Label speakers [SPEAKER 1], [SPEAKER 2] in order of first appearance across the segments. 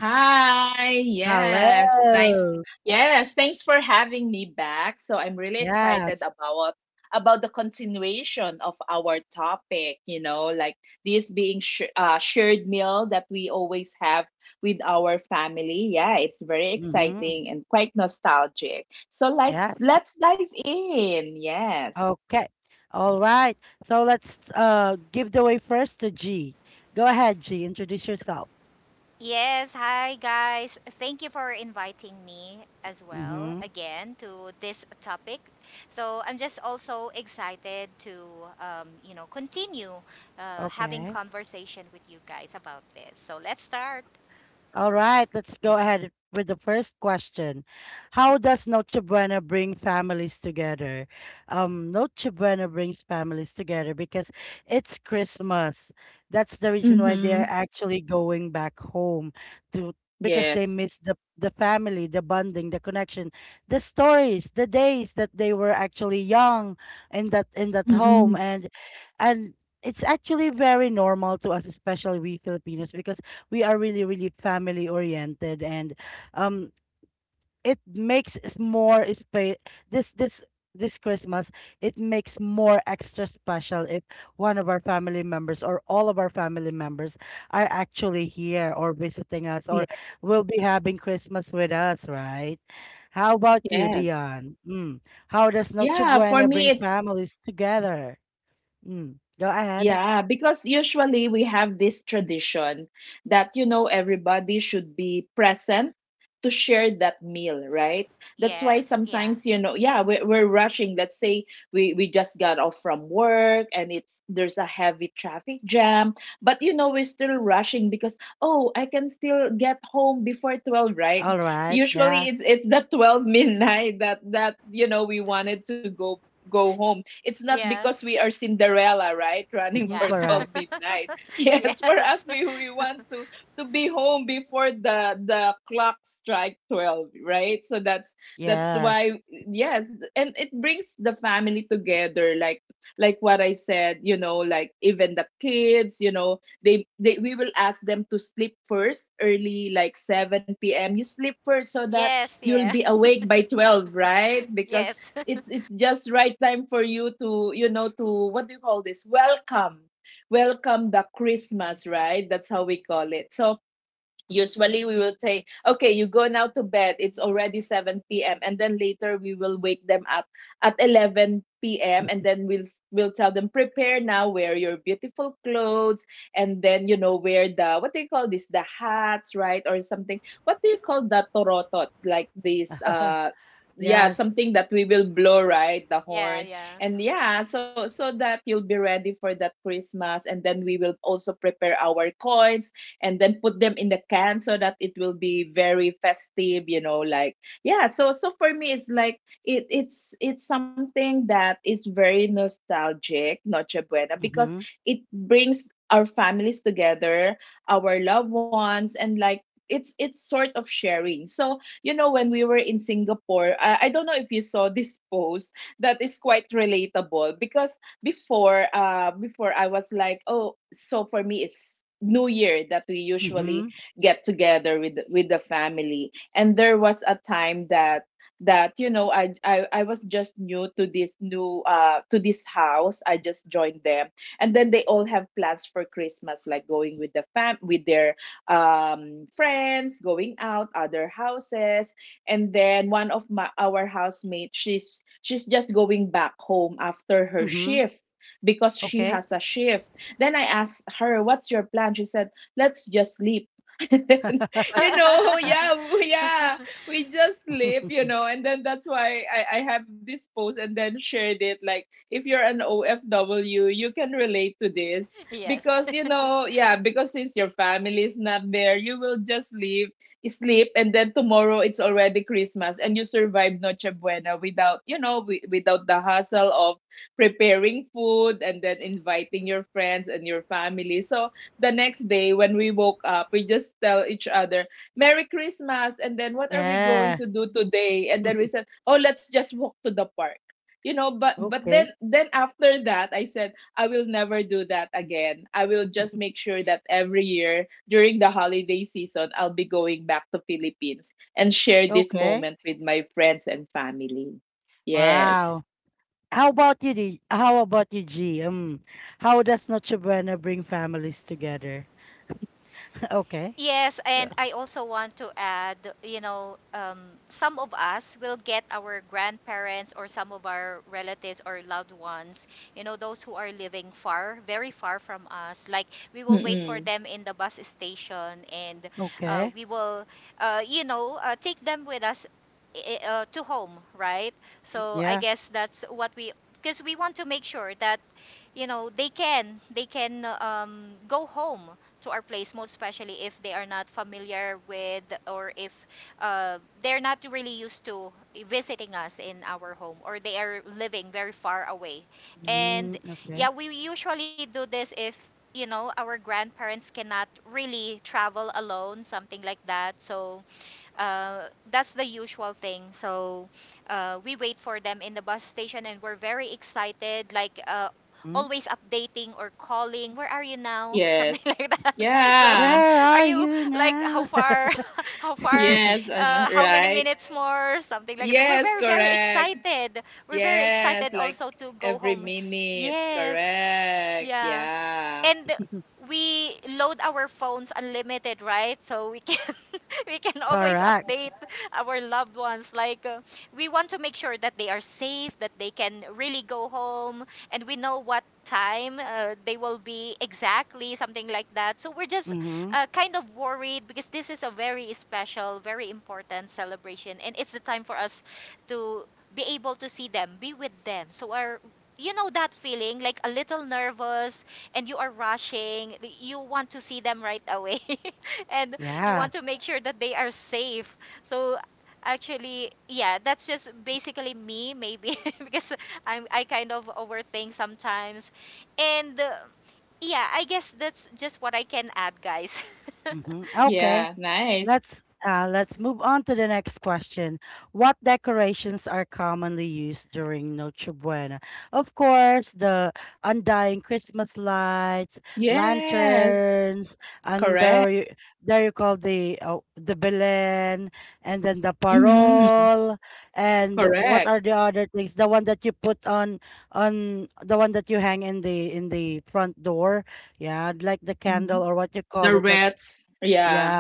[SPEAKER 1] Hi, yes, nice. Yes, thanks for having me back. So I'm really excited about the continuation of our topic, you know, like this being shared meal that we always have with our family. Yeah, it's very exciting and quite nostalgic. So let's dive in. Yes.
[SPEAKER 2] Yes, hi guys. Thank you for inviting me as well again to this topic. So I'm just also excited to you know continue having conversation with you guys about this. So let's start.
[SPEAKER 1] Mhm. Yes. Mm-mm. Yeah. Yes. Yeah, for me it's. Yeah, because usually we have this tradition that, you know, everybody should be present to share that meal, right? That's why
[SPEAKER 2] Yes. Yeah.
[SPEAKER 1] sometimes, you know, yeah, we're rushing. Let's say we just got off from work and it's there's a heavy traffic jam, but you know, we're still rushing because, oh, I can still get home before 12, right? Usually it's the 12 midnight that, you know, we wanted to go home. It's not
[SPEAKER 2] Yeah.
[SPEAKER 1] because we are Cinderella, right? Running for
[SPEAKER 2] Yeah.
[SPEAKER 1] 12 midnight. Yes, for us,
[SPEAKER 2] yes.
[SPEAKER 1] we want to be home before the clock strike 12, right? So that's why, yes. And it brings the family together, like what I said, you know, like even the kids, you know, we will ask them to sleep first early, like 7 p.m. You sleep first so that
[SPEAKER 2] Yes. Yeah.
[SPEAKER 1] you'll be awake by 12, right? Because
[SPEAKER 2] Yes.
[SPEAKER 1] it's just right time for you to, you know, to, what do you call this, welcome the Christmas, right? That's how we call it. So usually we will say, okay, you go now to bed, it's already 7 p.m. And then later we will wake them up at 11 p.m. And then we'll tell them, prepare now, wear your beautiful clothes, and then, you know, wear the, what do you call this, the hats, right? Or something, what do you call, the torotot, like this, yeah, something that we will blow, right, the
[SPEAKER 2] Yeah.
[SPEAKER 1] horn.
[SPEAKER 2] Yeah.
[SPEAKER 1] And yeah, so that you'll be ready for that Christmas. And then we will also prepare our coins and then put them in the can so that it will be very festive, you know, like, yeah. So for me it's like it's something that is very nostalgic, noche buena, because it brings our families together, our loved ones, and like, it's sort of sharing. So, you know, when we were in Singapore, I don't know if you saw this post that is quite relatable. Because before I was like, oh, so for me it's New Year that we usually get together with the family. And there was a time that you know, I was just new to this new to this house. I just joined them, and then they all have plans for Christmas, like going with the fam with their friends, going out other houses. And then one of my our housemates, she's just going back home after her shift, because she has a shift. Then I asked her, what's your plan? She said, let's just sleep. And then, you know, yeah, yeah, we just sleep, you know. And then that's why I have this post and then shared it, like if you're an OFW you can relate to this.
[SPEAKER 2] yes.
[SPEAKER 1] Because, you know, yeah, because since your family is not there, you will just leave sleep, and then tomorrow it's already Christmas and you survive Noche Buena without, you know, without the hassle of preparing food and then inviting your friends and your family. So the next day when we woke up, we just tell each other, Merry Christmas. And then, what are we going to do today? And then we said, oh, let's just walk to the park. You know, but then after that, I said I will never do that again. I will just make sure that every year during the holiday season, I'll be going back to Philippines and share this moment with my friends and family. Yes.
[SPEAKER 2] Yes, and I also want to add, you know, some of us will get our grandparents or some of our relatives or loved ones, you know, those who are living far, very far from us. Like we will wait
[SPEAKER 1] Mm-mm.
[SPEAKER 2] for them in the bus station, and we will, you know, take them with us to home, right? So I guess that's what we, because we want to make sure that you know they can go home to our place, most especially if they are not familiar with, or if uh, they're not really used to visiting us in our home, or they are living very far away. And yeah, we usually do this if, you know, our grandparents cannot really travel alone, something like that. So that's the usual thing. So we wait for them in the bus station and we're very excited, like always updating or calling, "Where are you now?" Something
[SPEAKER 1] Yes.
[SPEAKER 2] like that. So
[SPEAKER 1] Yeah.
[SPEAKER 2] are you like how far? How far?
[SPEAKER 1] Yes. And
[SPEAKER 2] How many
[SPEAKER 1] right.
[SPEAKER 2] minutes more? Something like that. We're
[SPEAKER 1] Yes.
[SPEAKER 2] very, very
[SPEAKER 1] Correct.
[SPEAKER 2] excited. We're very
[SPEAKER 1] Yes.
[SPEAKER 2] excited
[SPEAKER 1] Like
[SPEAKER 2] also to go
[SPEAKER 1] every
[SPEAKER 2] home.
[SPEAKER 1] minute.
[SPEAKER 2] Yes,
[SPEAKER 1] Correct.
[SPEAKER 2] yeah.
[SPEAKER 1] Yeah.
[SPEAKER 2] And we load our phones unlimited, right? So we can we can always update our loved ones, like we want to make sure that they are safe, that they can really go home, and we know what time they will be exactly, something like that. So we're just kind of worried because this is a very special, very important celebration, and it's the time for us to be able to see them, be with them. So our, you know, that feeling, like a little nervous, and you are rushing, you want to see them right away and you want to make sure that they are safe. So actually, yeah, that's just basically me maybe because I kind of overthink sometimes, and yeah, I guess that's just what I can add, guys.
[SPEAKER 1] Yeah. Nice. Yes. Correct. Mm-hmm. Correct. Hmm. The reds. Yeah.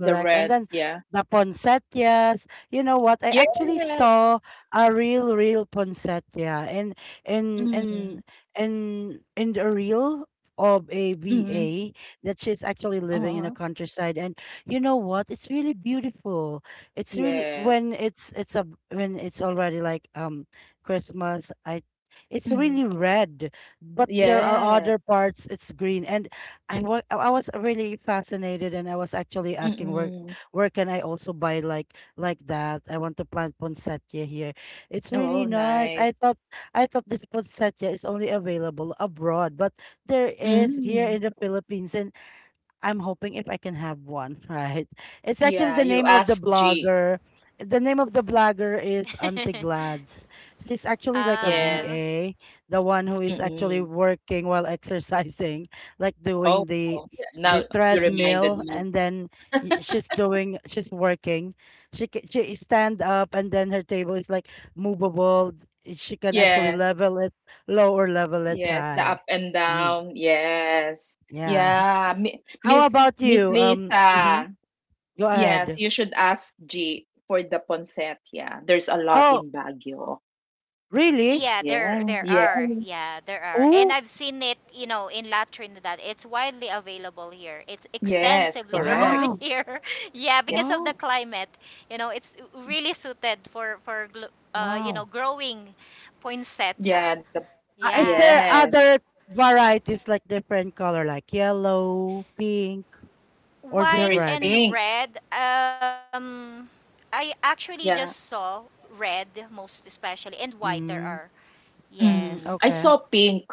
[SPEAKER 1] The reds. Yeah. Yes. Mm, mm, oo. Yes. Mm, yes. Mm. Oh, nice. Mm. Yeah, you asked G. Yes.
[SPEAKER 2] um
[SPEAKER 1] Mm. Oh, wow. Yeah, now you reminded me. Yes. Yes, the up and down. Yes. Yeah, Miss Lisa. Yes, you should ask G for the ponset. Yeah, there's a lot in Baguio.
[SPEAKER 2] Yeah, there
[SPEAKER 1] Yeah.
[SPEAKER 2] there
[SPEAKER 1] Yeah.
[SPEAKER 2] are. Yeah, there are. And I've seen it, you know, in La Trinidad. It's widely available here. It's
[SPEAKER 1] Yes,
[SPEAKER 2] extensively grown
[SPEAKER 1] correct.
[SPEAKER 2] here. Yeah,
[SPEAKER 1] Yeah.
[SPEAKER 2] because of the climate. You know, it's really suited for for you know, growing poinsettia.
[SPEAKER 1] Yeah, the,
[SPEAKER 2] Yeah.
[SPEAKER 1] yes. There
[SPEAKER 2] White
[SPEAKER 1] is
[SPEAKER 2] and
[SPEAKER 1] pink.
[SPEAKER 2] red. Um, I actually just
[SPEAKER 1] Yeah.
[SPEAKER 2] saw red most especially, and white there are. Yes.
[SPEAKER 1] Mm. I saw pink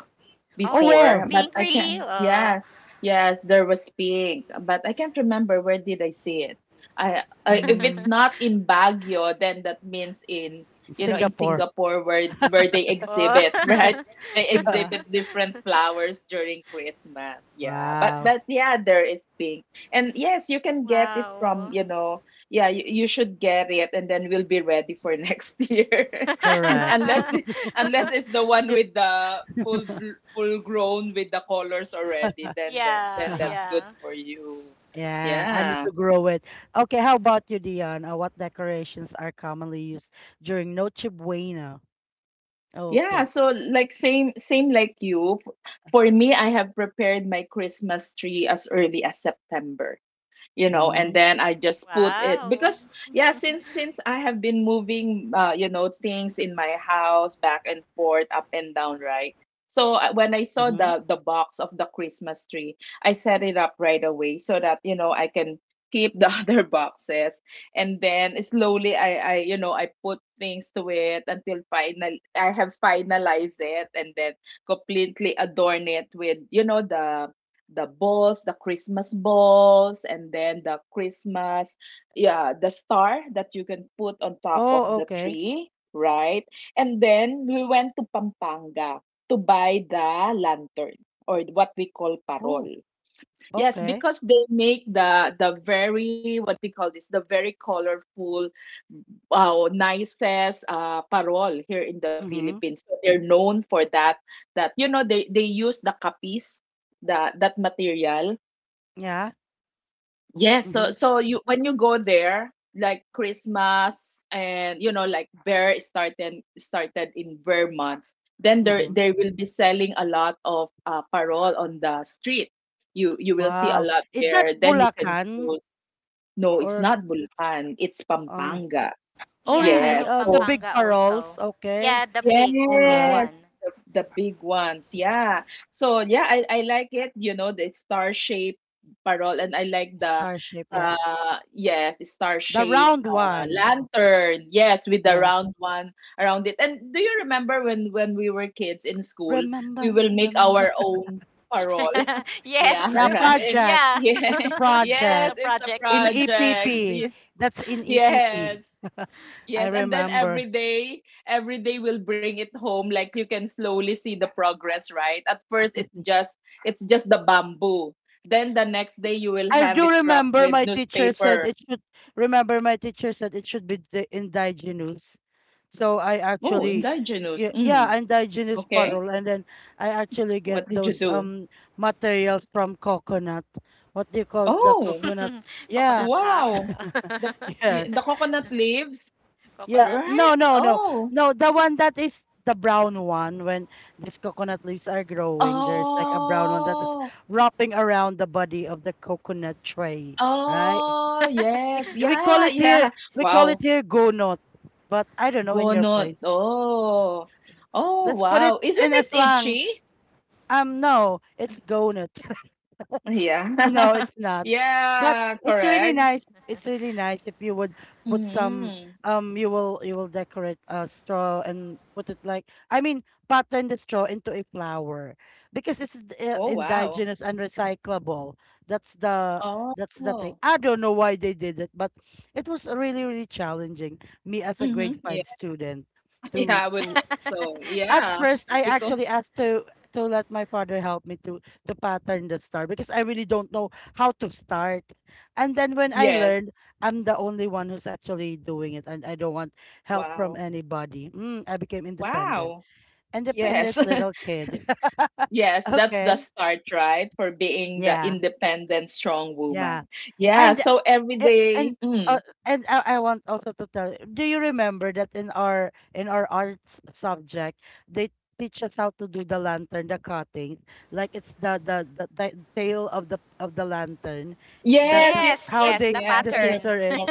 [SPEAKER 2] Oh, you saw
[SPEAKER 1] before,
[SPEAKER 2] pink
[SPEAKER 1] but I
[SPEAKER 2] really?
[SPEAKER 1] can,
[SPEAKER 2] Oh.
[SPEAKER 1] yes, yes, there was pig, but I can't remember where did I see it. I If it's not in Baguio, then that means in, you know, in Singapore where they
[SPEAKER 2] Oh.
[SPEAKER 1] exhibit right. They exhibit different flowers during Christmas. Yeah, but yeah, there is pink, and yes, you can get it from,
[SPEAKER 2] Wow.
[SPEAKER 1] you know. Yeah, you should get it, and then we'll be ready for next year, and unless. Unless it's the one with the full grown with the colors already, then then
[SPEAKER 2] Yeah,
[SPEAKER 1] then that's good
[SPEAKER 2] yeah.
[SPEAKER 1] for you. Yeah. Yeah, so like same like you. For me, I have prepared my Christmas tree as early as September. You know, and then I just put it,
[SPEAKER 2] Wow.
[SPEAKER 1] because yeah, since I have been moving you know, things in my house back and forth, up and down, right? So when I saw the box of the Christmas tree, I set it up right away so that, you know, I can keep the other boxes. And then slowly I, you know, I put things to it until final I have finalized it, and then completely adorn it with, you know, the, balls, the Christmas balls, and then the Christmas, yeah, the star that you can put on top of the tree, right? And then we went to Pampanga to buy the lantern, or what we call parol. Yes, because they make the very, what they call this, the very colorful, wow, nicest parol here in the Philippines. So they're known for that. That, you know, they use the kapis, the, that material. Yes, so so you, when you go there, like Christmas, and you know, like Bear, started in Vermont, then there they will be selling a lot of parol on the street. You will see a lot there. Then you can choose. No, it's not Bulacan. It's Pampanga.
[SPEAKER 2] Yeah, I
[SPEAKER 1] Yes.
[SPEAKER 2] know
[SPEAKER 1] So,
[SPEAKER 2] Pampanga also. Yeah, the big
[SPEAKER 1] yes,
[SPEAKER 2] one.
[SPEAKER 1] the, the big ones. Yeah. So yeah, I like it, you know, the star shape parol, and I like the, uh, yes, star shape lantern. Yes, with the round one around it. And do you remember when we were kids in school, we will make our own parol? Yeah,
[SPEAKER 2] Yes.
[SPEAKER 1] right.
[SPEAKER 2] Yeah.
[SPEAKER 1] Yeah. Yes, it's the project. Yes. Yes, and then every day will bring it home. Like you can slowly see the progress, right? At first, it's just the bamboo. Then the next day, you will have it wrapped with newspaper. Oh, indigenous. Mm, okay. What did you do? Oh,
[SPEAKER 2] Coconut husk.
[SPEAKER 1] wow. The the coconut leaves,
[SPEAKER 2] Coconut.
[SPEAKER 1] right? Oh, oh, oh. Yes, yeah, yeah. Wow. Gonot. Oh. Oh, wow. Isn't it itchy? Yeah. yeah, correct. Hmm. Oh, wow. Oh. Hmm. Yeah. Yeah, I would think so. Yeah. Because, yes. Wow. Wow. Yes. yes, that's the start, right? For being the independent, strong woman. Yeah. So every day. Mm. Yes, yes,
[SPEAKER 2] Yes,
[SPEAKER 1] yes.
[SPEAKER 2] yes, the
[SPEAKER 1] Yes, I
[SPEAKER 2] pattern.
[SPEAKER 1] remember.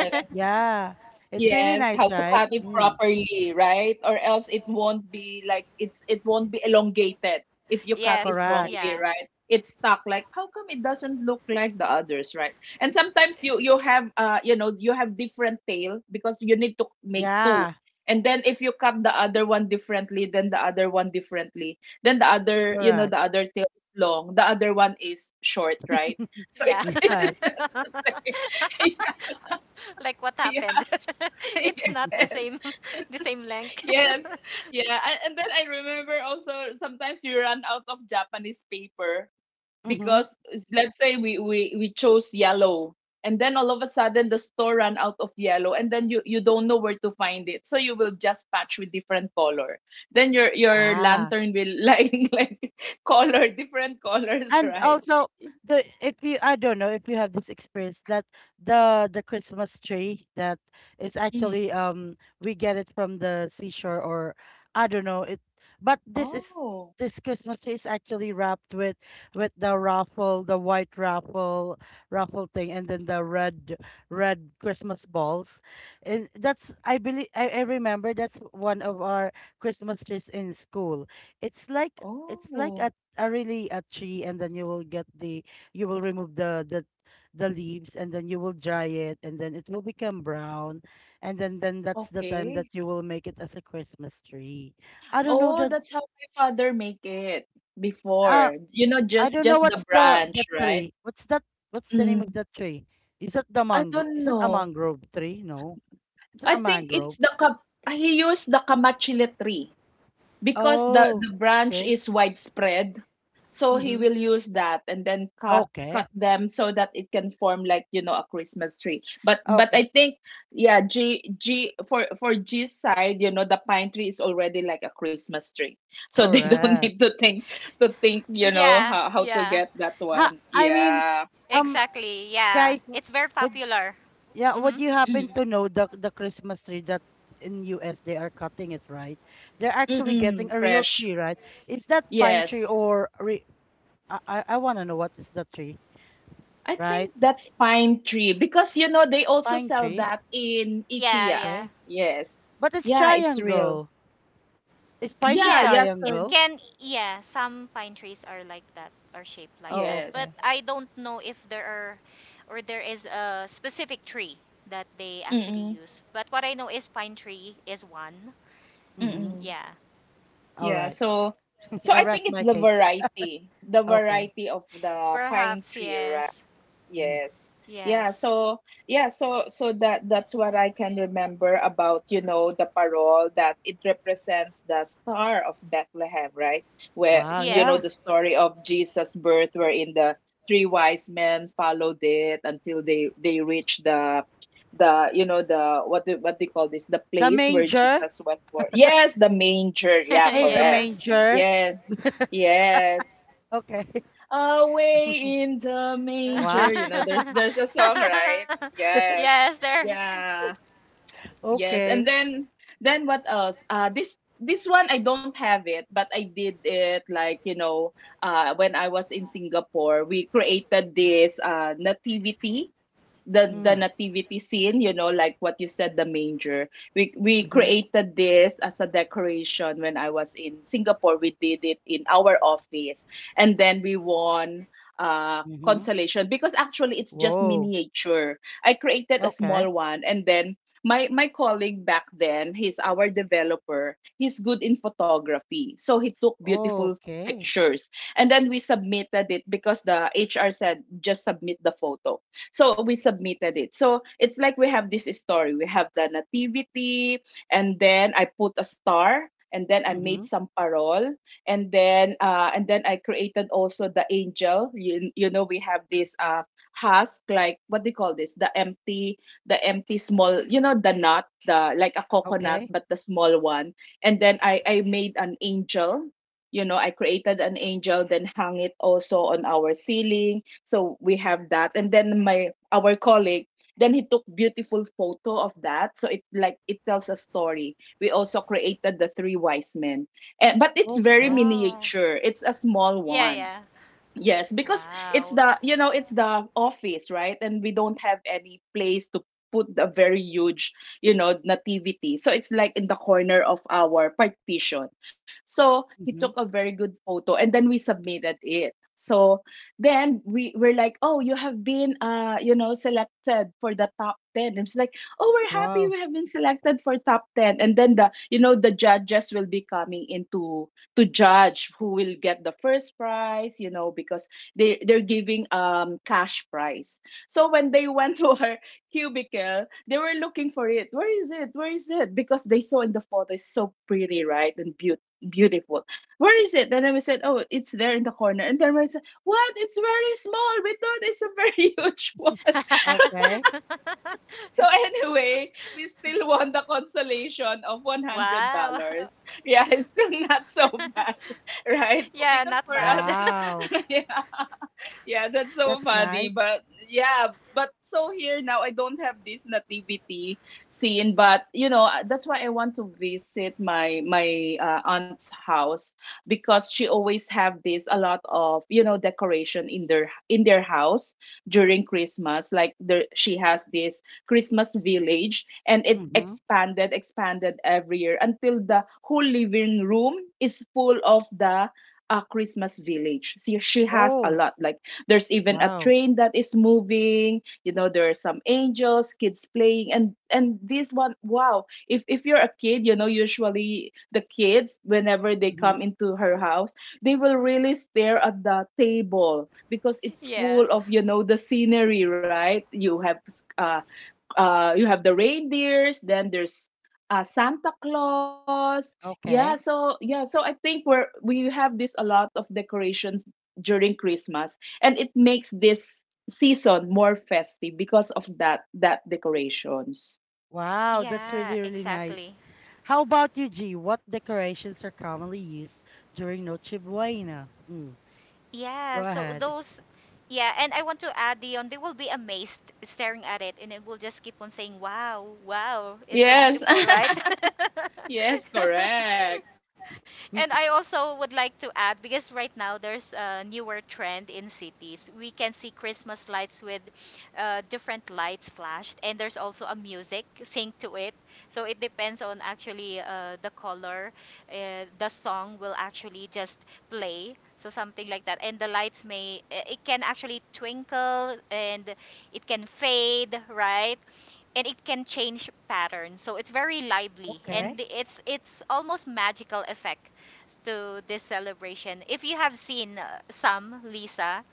[SPEAKER 1] Yes, how to cut it properly, right? Or else it won't be like, it won't be elongated if you cut it
[SPEAKER 2] Yes.
[SPEAKER 1] wrongly,
[SPEAKER 2] Yeah.
[SPEAKER 1] right? It's stuck, like how come it doesn't look like the others, right? And sometimes you have, uh, you know, you have different tail because you need to make two. And then if you cut the other one differently, then the other one differently, then the other, you know, the other tail is long, the other one is short, right? So it's,
[SPEAKER 2] Yeah.
[SPEAKER 1] it's not like, yeah,
[SPEAKER 2] Like what
[SPEAKER 1] yeah,
[SPEAKER 2] happened? It's not the
[SPEAKER 1] yes.
[SPEAKER 2] same the same length.
[SPEAKER 1] Yes. Yeah. And then I remember also sometimes you run out of Japanese paper because, let's say we chose yellow, and then all of a sudden the store ran out of yellow and then you don't know where to find it. So you will just patch with different color. Then your lantern will like color different colors, right? Mhm. Oh. Oh. Okay. Oh, that's how my father make it before. You know, just the branch, right? Mm. I don't know. I think it's the ka, he used the kamachile tree. Because the branch is widespread, so he will use that and then cut them so that it can form like, you know, a Christmas tree. But I think, yeah, g g for G's side, you know, the pine tree is already like a Christmas tree, so they don't need to think to think, you know,
[SPEAKER 2] Yeah.
[SPEAKER 1] how to
[SPEAKER 2] Yeah.
[SPEAKER 1] get that one. Yeah.
[SPEAKER 2] Exactly. Yeah. It's very popular. Mm-hmm.
[SPEAKER 1] Mm-hmm. Mm-mm. Fresh. Yes. I think that's pine tree because, you know, they also sell that in
[SPEAKER 2] Yeah,
[SPEAKER 1] IKEA.
[SPEAKER 2] yeah.
[SPEAKER 1] Yes. Yeah, it's real. Yeah,
[SPEAKER 2] Yeah,
[SPEAKER 1] yeah,
[SPEAKER 2] it
[SPEAKER 1] so
[SPEAKER 2] can. Yeah, some pine trees are like that, are shaped like that. But
[SPEAKER 1] yes.
[SPEAKER 2] I don't know if there are, or there is a specific tree that they actually
[SPEAKER 1] Mm-mm,
[SPEAKER 2] use. But what I know is pine tree is one.
[SPEAKER 1] mm-mm.
[SPEAKER 2] Yeah,
[SPEAKER 1] Yeah, so so I think it's the variety of the pine
[SPEAKER 2] perhaps
[SPEAKER 1] tree, right?
[SPEAKER 2] yes,
[SPEAKER 1] Yes. Yeah,
[SPEAKER 2] yes,
[SPEAKER 1] so yeah, so so that's what I can remember about, you know, the parole, that it represents the star of Bethlehem, right? Where, you know, the
[SPEAKER 2] yes,
[SPEAKER 1] story of Jesus' birth, wherein the three wise men followed it until they reached the, you know, the what they call this? The place where Jesus was born. Yes, the manger. Yeah, correct.
[SPEAKER 2] yes,
[SPEAKER 1] Yes. Yes. Away in the manger, you know, there's a song, right? Yes.
[SPEAKER 2] yes. There.
[SPEAKER 1] Yeah. Yes. And then what else? This one I don't have it, but I did it like, you know, when I was in Singapore, we created this nativity, the nativity scene, you know, like what you said, the manger. We created this as a decoration when I was in Singapore. We did it in our office, and then we won consolation because actually it's just miniature. I created a small one, and then my colleague back then, he's our developer, he's good in photography, so he took beautiful pictures. And then we submitted it because the HR said just submit the photo. So we submitted it. So it's like we have this story. We have the nativity, and then I put a star, and then I made some parol, and then and then I created also the angel. You know, we have this husk, like what do you call this? The empty, the empty small, you know, the nut, the like a coconut, but the small one. And then I made an angel, you know, I created an angel, then hung it also on our ceiling, so we have that. And then my our colleague, then he took beautiful photo of that, so it like it tells a story. We also created the three wise men. Eh, but it's very
[SPEAKER 2] Oh,
[SPEAKER 1] miniature, it's a small
[SPEAKER 2] yeah,
[SPEAKER 1] one.
[SPEAKER 2] yeah.
[SPEAKER 1] Yes, because it's the,
[SPEAKER 2] Wow.
[SPEAKER 1] you know, it's the office, right? And we don't have any place to put a very huge, you know, nativity. So it's like in the corner of our partition. So he took a very good photo and then we submitted it. So then we were like, oh, you have been, you know, selected for the top 10. And it's like, oh, we're happy we have been selected for top 10. And then the, you know, the judges will be coming into to judge who will get the first prize, you know, because they're giving cash prize. So when they went to her cubicle, they were looking for it. Where is it? Where is it? Because they saw in the photo it's so pretty, right, and beautiful. Where is it? And then we said, oh, it's there in the corner. And then we said, what, it's very small. We thought it's a very huge one. So anyway, we still won the consolation of
[SPEAKER 2] Wow.
[SPEAKER 1] $100. Yeah, it's still not so bad, right? Because
[SPEAKER 2] Yeah,
[SPEAKER 1] for
[SPEAKER 2] not
[SPEAKER 1] us,
[SPEAKER 2] bad.
[SPEAKER 1] yeah, yeah, that's so funny. But yeah, but so here now I don't have this nativity scene. But, you know, that's why I want to visit my aunt's house because she always have this a lot of, you know, decoration in their, in their house during Christmas. Like there, she has this Christmas village, and it expanded every year until the whole living room is full of the, a Christmas village. See, she has a lot, like there's even a train that is moving. You know, there are some angels, kids playing, and this one, wow! If you're a kid, you know, usually the kids, whenever they come into her house, they will really stare at the table because it's full
[SPEAKER 2] Yeah.
[SPEAKER 1] of, you know, the scenery, right? Uh, you have the reindeers, then there's Santa Claus. Yeah, so yeah, so I think we're, we have this a lot of decorations during Christmas, and it makes this season more festive because of that decorations.
[SPEAKER 2] Yeah, exactly. Yeah, so those, yeah, and I want to add, Dion, they will be amazed staring at it, and it will just keep on saying, "Wow, wow, it's so
[SPEAKER 1] Yes.
[SPEAKER 2] beautiful, right?"
[SPEAKER 1] Yes, correct.
[SPEAKER 2] And I also would like to add because right now there's a newer trend in cities. We can see Christmas lights with different lights flashed, and there's also a music synced to it. So it depends on actually the color. The song will actually just play. So something like that, and the lights may it can actually twinkle, and it can fade, right? And it can change patterns. So it's very lively, and it's almost magical effect to this celebration. If you have seen some, Lisa,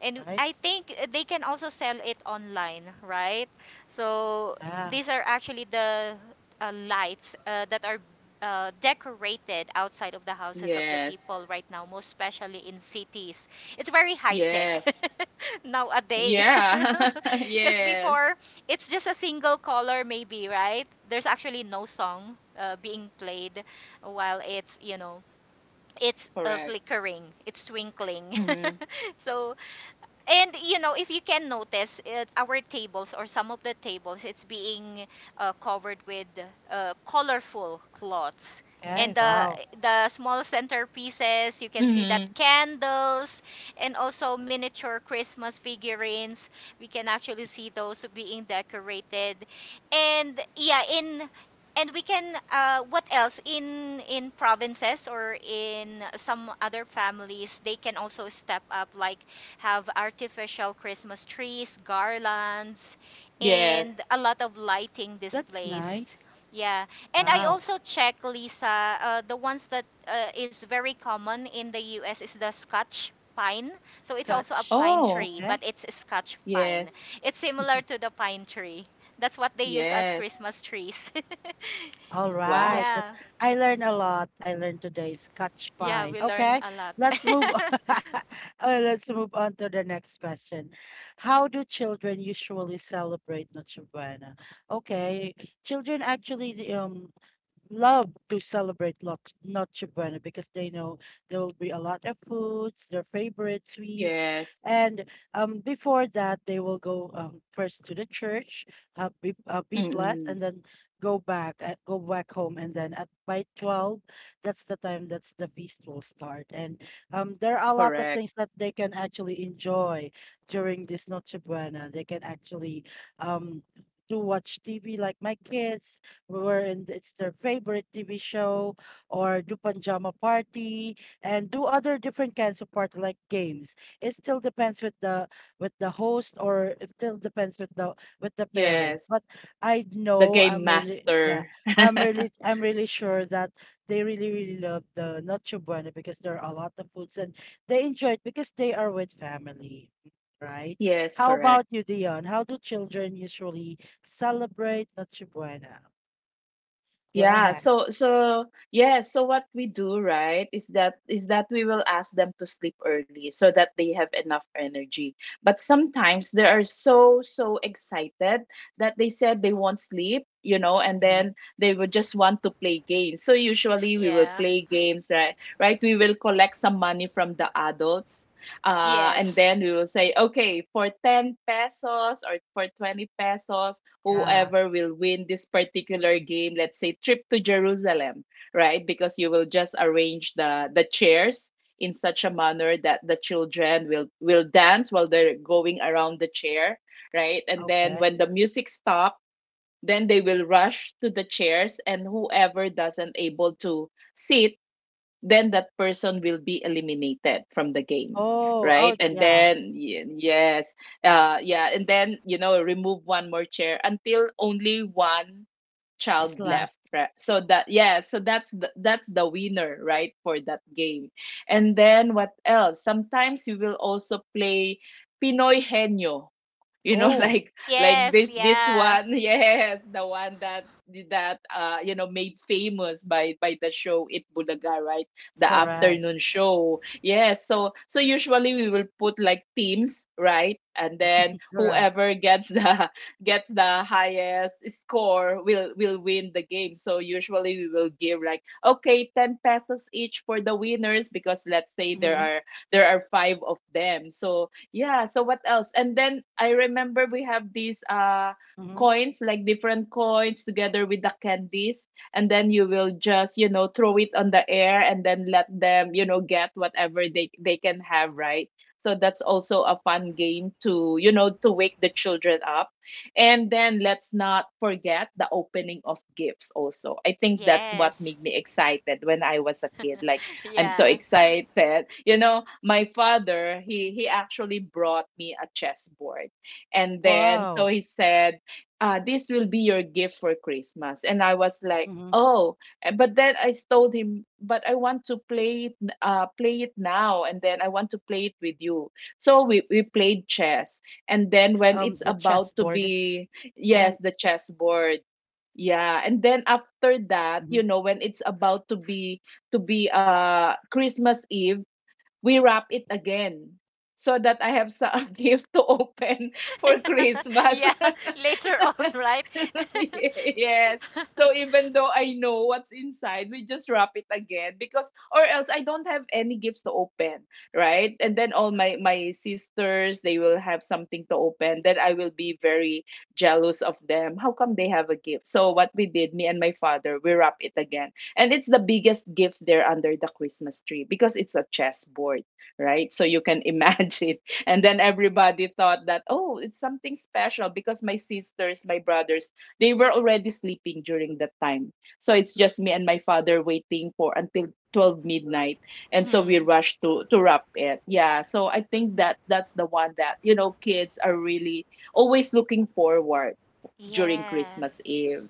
[SPEAKER 2] and I think they can also sell it online, right? So these are actually the lights that are decorated outside of the houses of the
[SPEAKER 1] Yes.
[SPEAKER 2] people right now, most especially in cities. It's very high tech
[SPEAKER 1] Yes.
[SPEAKER 2] nowadays.
[SPEAKER 1] Yeah.
[SPEAKER 2] Because
[SPEAKER 1] Yes,
[SPEAKER 2] before, it's just a single color, maybe, right? There's actually no song being played while it's, you know, it's
[SPEAKER 1] correct.
[SPEAKER 2] flickering, it's twinkling.
[SPEAKER 1] Mm-hmm.
[SPEAKER 2] So, and you know, if you can notice, it, our tables, or some of the tables, it's being covered with colorful cloths. And the small centerpieces, you can see that
[SPEAKER 1] Mm-hmm.
[SPEAKER 2] candles and also miniature Christmas figurines. We can actually see those being decorated, and yeah, in and we can what else, in provinces or in some other families, they can also step up like have artificial Christmas trees, garlands, and
[SPEAKER 1] Yes.
[SPEAKER 2] a lot of lighting displays. Yeah, and I also check, Lisa. The ones that is very common in the U.S. is the Scotch pine. So it's also a pine
[SPEAKER 1] Oh.
[SPEAKER 2] tree, but it's a Scotch pine.
[SPEAKER 1] Yes.
[SPEAKER 2] It's similar to the pine tree. That's what they use as
[SPEAKER 1] Yes.
[SPEAKER 2] Christmas trees.
[SPEAKER 1] Wow.
[SPEAKER 2] yeah, yeah, we learn a lot.
[SPEAKER 1] Yes. Mm, correct. Yes. The game master. Yes, correct. Yeah, so so yeah, so what we do, right, is that we will ask them to sleep early so that they have enough energy. But sometimes they are so excited that they said they won't sleep, you know, and then they would just want to play games. So usually we will
[SPEAKER 2] yeah.
[SPEAKER 1] play games, right? Right? We will collect some money from the adults. And
[SPEAKER 2] Yes.
[SPEAKER 1] then we will say, okay, for 10 pesos or for 20 pesos, whoever will win this particular game, let's say trip to Jerusalem, right? Because you will just arrange the chairs in such a manner that the children will dance while they're going around the chair, right? And then when the music stops, then they will rush to the chairs, and whoever doesn't able to sit, then that person will be eliminated from the game, right? And then yes. Yeah. And then, you know, remove one more chair until only one child left, right? So that, yeah, so that's the winner, right, for that game. And then what else? Sometimes you will also play pinoy henyo, you know, like
[SPEAKER 2] Yes.
[SPEAKER 1] this
[SPEAKER 2] Yeah.
[SPEAKER 1] one. Yes, the one that you know, made famous by the show It Bulaga, right? The afternoon show. Yes. So so usually we will put like teams, right? And then whoever gets the gets the highest score will win the game. So usually we will give like okay, 10 pesos each for the winners because let's say there are five of them. So yeah, so what else? And then I remember we have these coins, like different coins together with the candies, and then you will just, you know, throw it on the air and then let them, you know, get whatever they can have, right? So that's also a fun game to, you know, to wake the children up. And then let's not forget the opening of gifts also. I think that's what
[SPEAKER 2] Yes.
[SPEAKER 1] made me excited when I was a kid, like I'm so
[SPEAKER 2] Yeah.
[SPEAKER 1] excited. You know, my father, he actually brought me a chessboard. And then so he said, this will be your gift for Christmas. And I was like, oh, eh, but then I told him, but I want to play it play it now, and then I want to play it with you. So we played chess. And then when it's about to be, yes, the chessboard. Yeah, and then after that, you know, when it's about to be Christmas Eve, we wrap it again so that I have some gift to open for Christmas.
[SPEAKER 2] yeah. Later on, right?
[SPEAKER 1] Yes. So even though I know what's inside, we just wrap it again because or else I don't have any gifts to open, right? And then all my sisters, they will have something to open. Then I will be very jealous of them. How come they have a gift? So what we did, me and my father, we wrap it again. And it's the biggest gift there under the Christmas tree because it's a chessboard, right? So you can imagine. And then everybody thought that, oh, it's something special, because my sisters, my brothers, they were already sleeping during that time. So it's just me and my father waiting for until 12 midnight. And so we
[SPEAKER 2] hmm
[SPEAKER 1] rushed to wrap it. Yeah. So I think that that's the one that, you know, kids are really always looking forward during
[SPEAKER 2] Yeah.
[SPEAKER 1] Christmas Eve.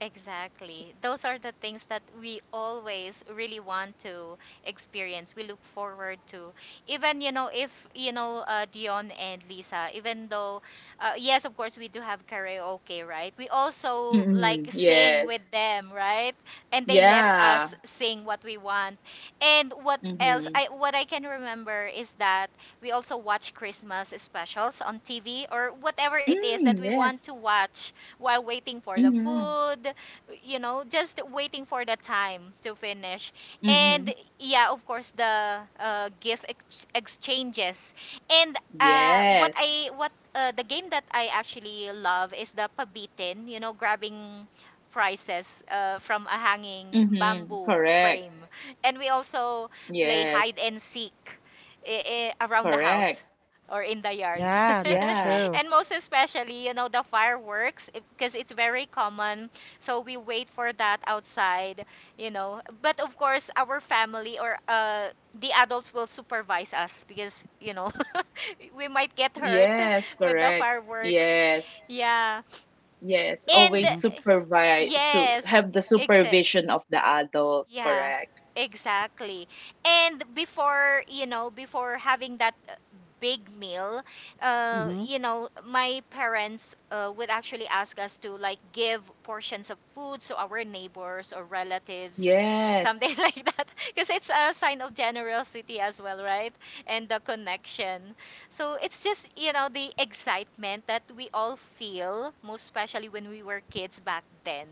[SPEAKER 2] Exactly. Those are the things that we always really want to experience. We look forward to. Even, you know, if, you know, Dion and Lisa, even though, yes, of course, we do have karaoke, right? We also like
[SPEAKER 1] Mm-hmm.
[SPEAKER 2] sing with
[SPEAKER 1] Yes.
[SPEAKER 2] them, right? And they let
[SPEAKER 1] Yeah.
[SPEAKER 2] us sing what we want. And what else?
[SPEAKER 1] Mm-hmm.
[SPEAKER 2] I what I can remember is that we also watch Christmas specials on TV, or whatever it is that
[SPEAKER 1] Mm,
[SPEAKER 2] we want to
[SPEAKER 1] yes.
[SPEAKER 2] watch while waiting for the
[SPEAKER 1] Mm-hmm.
[SPEAKER 2] food, you know, just waiting for the time to finish.
[SPEAKER 1] Mm-hmm.
[SPEAKER 2] And yeah, of course, the gift exchanges. And what
[SPEAKER 1] Yes.
[SPEAKER 2] I what the game that I actually love is the pabitin. You know, grabbing prizes from a hanging
[SPEAKER 1] Mm-hmm.
[SPEAKER 2] bamboo
[SPEAKER 1] Correct.
[SPEAKER 2] frame. And we also play
[SPEAKER 1] Yes,
[SPEAKER 2] hide and seek around the house
[SPEAKER 1] correct.
[SPEAKER 2] or in the yards.
[SPEAKER 3] Yeah, that's
[SPEAKER 1] Yeah.
[SPEAKER 3] true.
[SPEAKER 2] And most especially, you know, the fireworks, because it's very common, so we wait for that outside, you know. But of course, our family, or the adults will supervise us, because, you know, we might get hurt
[SPEAKER 1] Yes,
[SPEAKER 2] with the
[SPEAKER 1] correct.
[SPEAKER 2] fireworks.
[SPEAKER 1] Yes.
[SPEAKER 2] Yeah.
[SPEAKER 1] Yes.
[SPEAKER 2] And
[SPEAKER 1] Always
[SPEAKER 3] Mm-hmm.
[SPEAKER 1] supervise, so
[SPEAKER 2] yes,
[SPEAKER 1] have the
[SPEAKER 2] exa
[SPEAKER 1] supervision of the adult,
[SPEAKER 2] yeah,
[SPEAKER 1] correct.
[SPEAKER 2] exactly. And before, you know, before having that big meal,
[SPEAKER 3] Mm-hmm.
[SPEAKER 2] you know, my parents would actually ask us to, like, give portions of food to our neighbors or relatives,
[SPEAKER 1] Yes.
[SPEAKER 2] something like that, because it's a sign of generosity as well, right? And the connection. So it's just, you know, the excitement that we all feel, most especially when we were kids back then.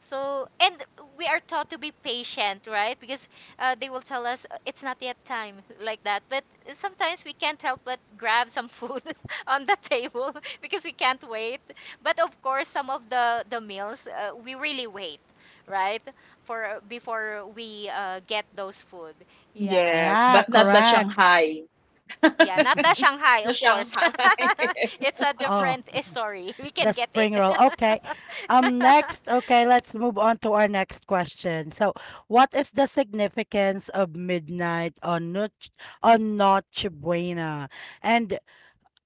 [SPEAKER 2] So, and we are taught to be patient, right? Because they will tell us, it's not yet time," like that. But sometimes we can't help but grab some food on the table because we can't wait. But of course, some of the meals we really wait, right? For before we get those food. Yeah.
[SPEAKER 1] Yes,
[SPEAKER 3] Yeah,
[SPEAKER 1] but not the
[SPEAKER 3] correct.
[SPEAKER 1] Shanghai.
[SPEAKER 2] Yeah, not the Shanghai,
[SPEAKER 1] The
[SPEAKER 2] of course.
[SPEAKER 1] Shanghai.
[SPEAKER 2] It's a
[SPEAKER 3] Oh,
[SPEAKER 2] different story. We can
[SPEAKER 3] the
[SPEAKER 2] get it.
[SPEAKER 3] spring roll. Okay. Okay, let's move on to our next question. So, what is the significance of midnight on Noche Buena? And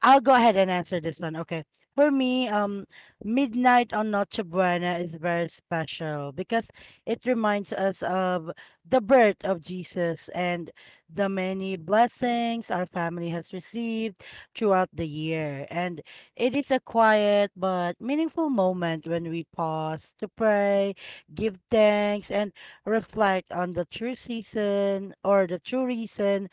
[SPEAKER 3] I'll go ahead and answer this one. Okay. For me, midnight on Noche Buena is very special because it reminds us of the birth of Jesus and the many blessings our family has received throughout the year. And it is a quiet but meaningful moment when we pause to pray, give thanks, and reflect on the true season or the true reason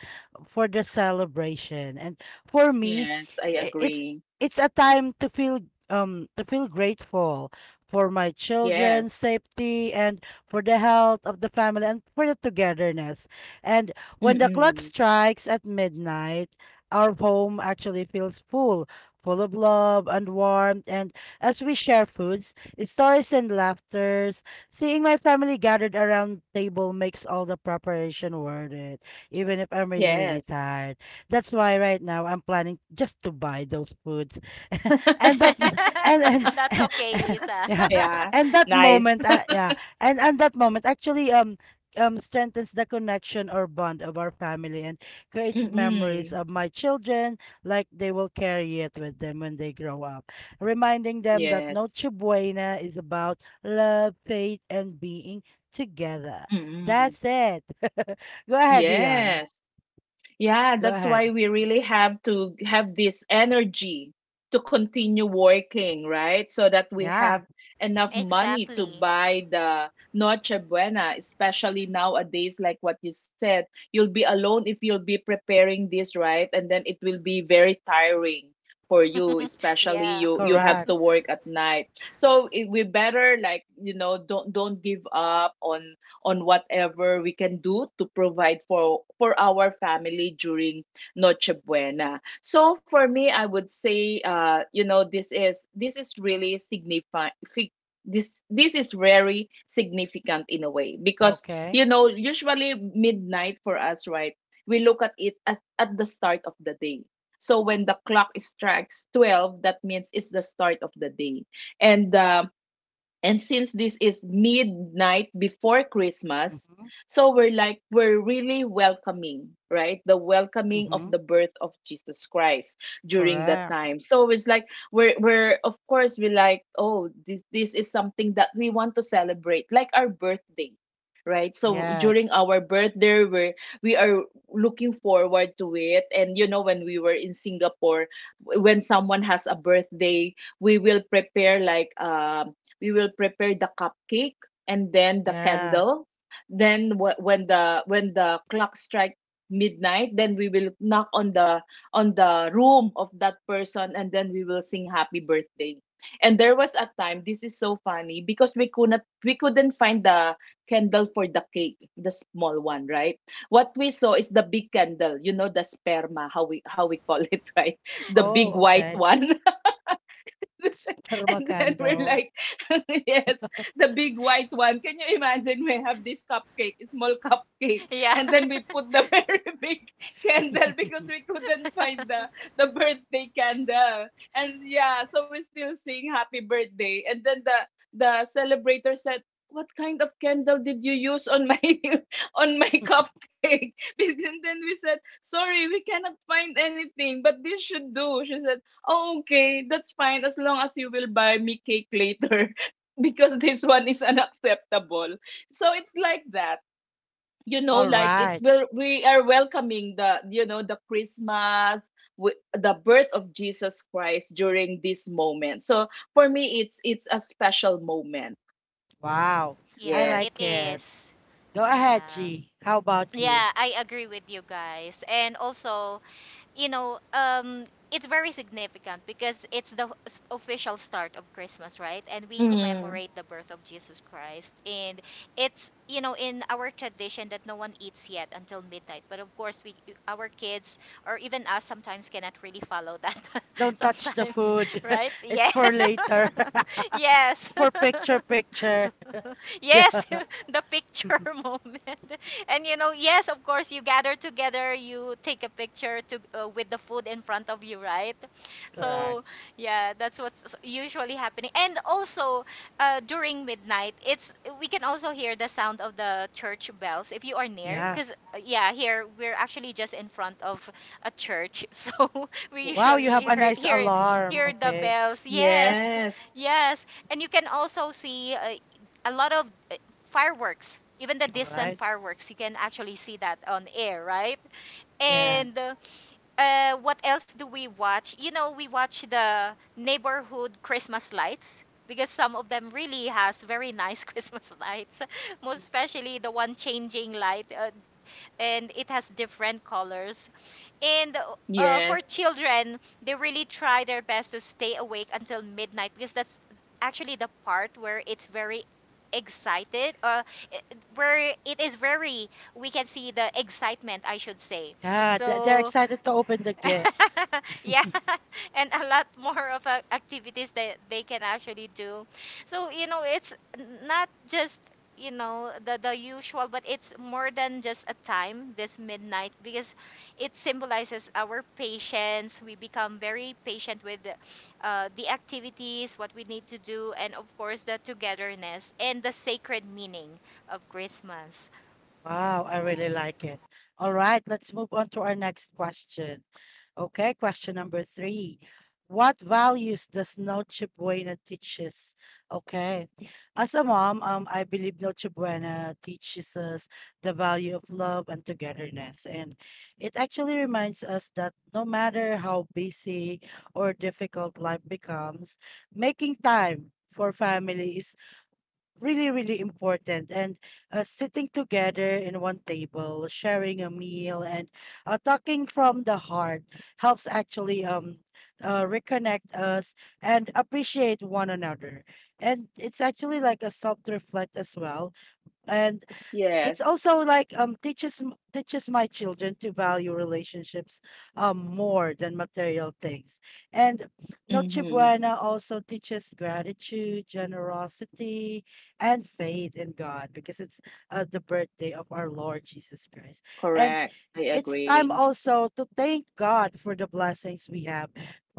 [SPEAKER 3] for the celebration. And for me,
[SPEAKER 1] Yes, I
[SPEAKER 3] i- it's
[SPEAKER 1] agree.
[SPEAKER 3] it's a time to feel grateful for my children's
[SPEAKER 1] Yes.
[SPEAKER 3] safety and for the health of the family and for the togetherness. And when the clock
[SPEAKER 1] Mm-mm.
[SPEAKER 3] strikes at midnight, our home actually feels full, full of love and warmth. And as we share foods, stories, and laughters, seeing my family gathered around table makes all the preparation worth it, even if I'm really, really
[SPEAKER 1] Yes.
[SPEAKER 3] tired. That's why right now I'm planning just to buy those foods. and that and
[SPEAKER 2] That's
[SPEAKER 3] and
[SPEAKER 2] okay, Lisa.
[SPEAKER 3] yeah.
[SPEAKER 1] Yeah.
[SPEAKER 3] And that
[SPEAKER 1] Nice.
[SPEAKER 3] moment yeah. And that moment actually strengthens the connection or bond of our family and creates memories
[SPEAKER 1] Mm-mm.
[SPEAKER 3] of my children like they will carry it with them when they grow up. Reminding them that
[SPEAKER 1] Yes.
[SPEAKER 3] Noche Buena is about love, faith and being together.
[SPEAKER 1] Mm-mm.
[SPEAKER 3] That's it. Go ahead, Dion.
[SPEAKER 1] Yes. Yeah,
[SPEAKER 3] Go
[SPEAKER 1] that's why
[SPEAKER 3] ahead.
[SPEAKER 1] we really have to have this energy to continue working, right? So that we
[SPEAKER 3] Yeah.
[SPEAKER 1] have enough money to
[SPEAKER 2] Exactly.
[SPEAKER 1] buy the Noche Buena, especially nowadays, like what you said. You'll be alone if you'll be preparing this, right? And then it will be very tiring for you, especially
[SPEAKER 2] Yeah.
[SPEAKER 1] you have
[SPEAKER 3] Correct.
[SPEAKER 1] to work at night. We better, like, don't give up on whatever we can do to provide for our family during Noche Buena. So for me, I would say, you know, this is really significant. This is very significant in a way because
[SPEAKER 3] Okay.
[SPEAKER 1] you know usually midnight for us, right? We look at it at the start of the day. So when the clock strikes 12, that means it's the start of the day, and um, and since this is midnight before Christmas,
[SPEAKER 3] Mm-hmm.
[SPEAKER 1] so we're like, we're really welcoming, right? The welcoming of
[SPEAKER 3] Mm-hmm.
[SPEAKER 1] the birth of Jesus Christ during that
[SPEAKER 3] Correct.
[SPEAKER 1] time. So it's like, we're of course, we're like, oh, this is something that we want to celebrate, like our birthday. Right. So during
[SPEAKER 3] Yes.
[SPEAKER 1] our birthday, we are looking forward to it. And, you know, when we were in Singapore, when someone has a birthday, we will prepare like we will prepare the cupcake and then the
[SPEAKER 3] Yeah.
[SPEAKER 1] candle then when the clock strike midnight, then we will knock on the room of that person and then we will sing happy birthday. And there was a time, this is so funny because we couldn't find the candle for the cake, the small one, right? What we saw is the big candle, you know, the sperma, how we call it right, the
[SPEAKER 3] Oh,
[SPEAKER 1] big white
[SPEAKER 3] okay.
[SPEAKER 1] one.
[SPEAKER 3] Sperma
[SPEAKER 1] And then we're
[SPEAKER 3] candle.
[SPEAKER 1] like, yes, the big white one. Can you imagine? We have this cupcake, a small cupcake,
[SPEAKER 2] Yeah.
[SPEAKER 1] and then we put the very big candle because we couldn't find the birthday candle. And yeah, so we still sing happy birthday. And then the celebrator said, "What kind of candle did you use on my on my cupcake?" And then we said, "Sorry, we cannot find anything, but this should do." She said, "Okay, that's fine as long as you will buy me cake later because this one is unacceptable." So it's like that. You know,
[SPEAKER 3] All
[SPEAKER 1] like,
[SPEAKER 3] right.
[SPEAKER 1] we are welcoming the, you know, the Christmas, the birth of Jesus Christ during this moment. So for me, it's a special moment.
[SPEAKER 3] Wow. I
[SPEAKER 2] Yeah,
[SPEAKER 1] Yes.
[SPEAKER 2] it
[SPEAKER 3] like it.
[SPEAKER 2] is.
[SPEAKER 3] Go ahead,
[SPEAKER 2] Yeah.
[SPEAKER 3] G. How about you?
[SPEAKER 2] Yeah, I agree with you guys. And also, you know, it's very significant because it's the official start of Christmas, right? And we
[SPEAKER 1] Mm.
[SPEAKER 2] commemorate the birth of Jesus Christ. And it's, you know, in our tradition that no one eats yet until midnight. But of course, we, our kids, or even us, sometimes cannot really follow that
[SPEAKER 3] Don't touch the
[SPEAKER 2] sometimes,
[SPEAKER 3] food.
[SPEAKER 2] right?
[SPEAKER 3] It's
[SPEAKER 2] Yeah.
[SPEAKER 3] for later.
[SPEAKER 2] yes.
[SPEAKER 3] It's for picture picture.
[SPEAKER 2] yes,
[SPEAKER 3] Yeah.
[SPEAKER 2] the picture moment. And you know, yes, of course, you gather together, you take a picture to with the food in front of you, right? So
[SPEAKER 3] Correct.
[SPEAKER 2] yeah, that's what's usually happening. And also during midnight, it's we can also hear the sound of the church bells if you are near,
[SPEAKER 3] Yeah.
[SPEAKER 2] because yeah, here we're actually just in front of a church, so we
[SPEAKER 3] Wow, you
[SPEAKER 2] usually
[SPEAKER 3] have a
[SPEAKER 2] hear
[SPEAKER 3] nice
[SPEAKER 2] hear,
[SPEAKER 3] alarm.
[SPEAKER 2] hear the
[SPEAKER 3] Okay.
[SPEAKER 2] bells. Yes,
[SPEAKER 1] Yes.
[SPEAKER 2] yes, and you can also see a lot of fireworks, even the distant
[SPEAKER 3] Alright.
[SPEAKER 2] fireworks. You can actually see that on air, right?
[SPEAKER 3] Yeah.
[SPEAKER 2] And what else do we watch? You know, we watch the neighborhood Christmas lights because some of them really has very nice Christmas lights, most especially the one changing light, and it has different colors. And For
[SPEAKER 1] Yes.
[SPEAKER 2] children, they really try their best to stay awake until midnight because that's actually the part where it's very excited uh, i- where it is very, we can see the excitement, I should say.
[SPEAKER 3] Yeah, they're
[SPEAKER 2] So
[SPEAKER 3] excited to open the gifts.
[SPEAKER 2] yeah, and a lot more of activities that they can actually do. So, you know, it's not just the usual, but it's more than just a time, this midnight, because it symbolizes our patience. We become very patient with the activities, what we need to do, and of course, the togetherness and the sacred meaning of Christmas.
[SPEAKER 3] Wow, I really like it. All right, let's move on to our next question. Okay, question number three. What values does Noche Buena teaches? Okay. As a mom, I believe Noche Buena teaches us the value of love and togetherness. And it actually reminds us that no matter how busy or difficult life becomes, making time for family is really, really important. And sitting together in one table, sharing a meal, and talking from the heart helps actually reconnect us and appreciate one another. And it's actually like a self reflect as well. And it's
[SPEAKER 1] Yes.
[SPEAKER 3] also like teaches teaches my children to value relationships more than material things and noche
[SPEAKER 1] Mm-hmm.
[SPEAKER 3] buena also teaches gratitude generosity and faith in god because it's the birthday of our lord jesus christ and
[SPEAKER 1] Correct. I
[SPEAKER 3] it's time
[SPEAKER 1] agree.
[SPEAKER 3] also to thank God for the blessings we have.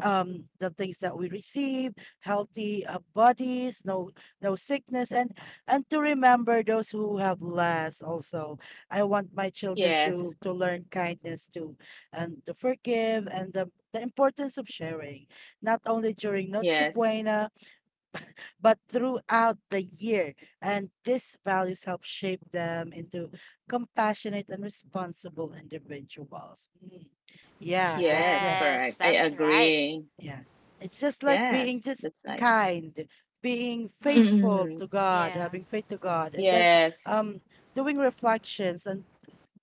[SPEAKER 3] The things that we receive, healthy bodies, no sickness, and to remember those who have less. Also, I want my children
[SPEAKER 1] Yes.
[SPEAKER 3] to learn kindness too, and to forgive, and the importance of sharing, not only during Noche
[SPEAKER 1] Yes.
[SPEAKER 3] Buena but throughout the year. And these values help shape them into compassionate and responsible individuals. Mm. Yeah, that's
[SPEAKER 1] Yes,
[SPEAKER 3] it.
[SPEAKER 2] Yes,
[SPEAKER 1] correct. I
[SPEAKER 2] that's right.
[SPEAKER 1] agree.
[SPEAKER 3] Yeah. It's just like
[SPEAKER 1] Yes,
[SPEAKER 3] being just
[SPEAKER 1] that's nice.
[SPEAKER 3] kind, being
[SPEAKER 2] Mm-hmm.
[SPEAKER 3] faithful
[SPEAKER 1] Mm-mm.
[SPEAKER 3] to God,
[SPEAKER 2] Yeah.
[SPEAKER 3] having faith to God, and then
[SPEAKER 1] Yes,
[SPEAKER 3] um doing reflections and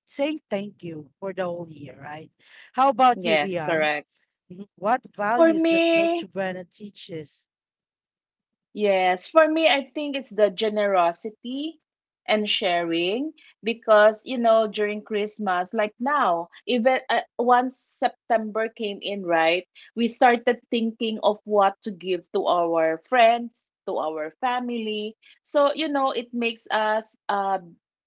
[SPEAKER 3] saying thank you for the whole year, right? How about you,
[SPEAKER 1] yes,
[SPEAKER 3] Dion?
[SPEAKER 1] correct.
[SPEAKER 3] Mhm. What
[SPEAKER 1] For
[SPEAKER 3] values that Noche
[SPEAKER 1] me,
[SPEAKER 3] Buena teaches?
[SPEAKER 1] yes, for me, I think it's the generosity and sharing because, you know, during Christmas, like now, even once September came in, right, we started thinking of what to give to our friends, to our family. So, you know, it makes us,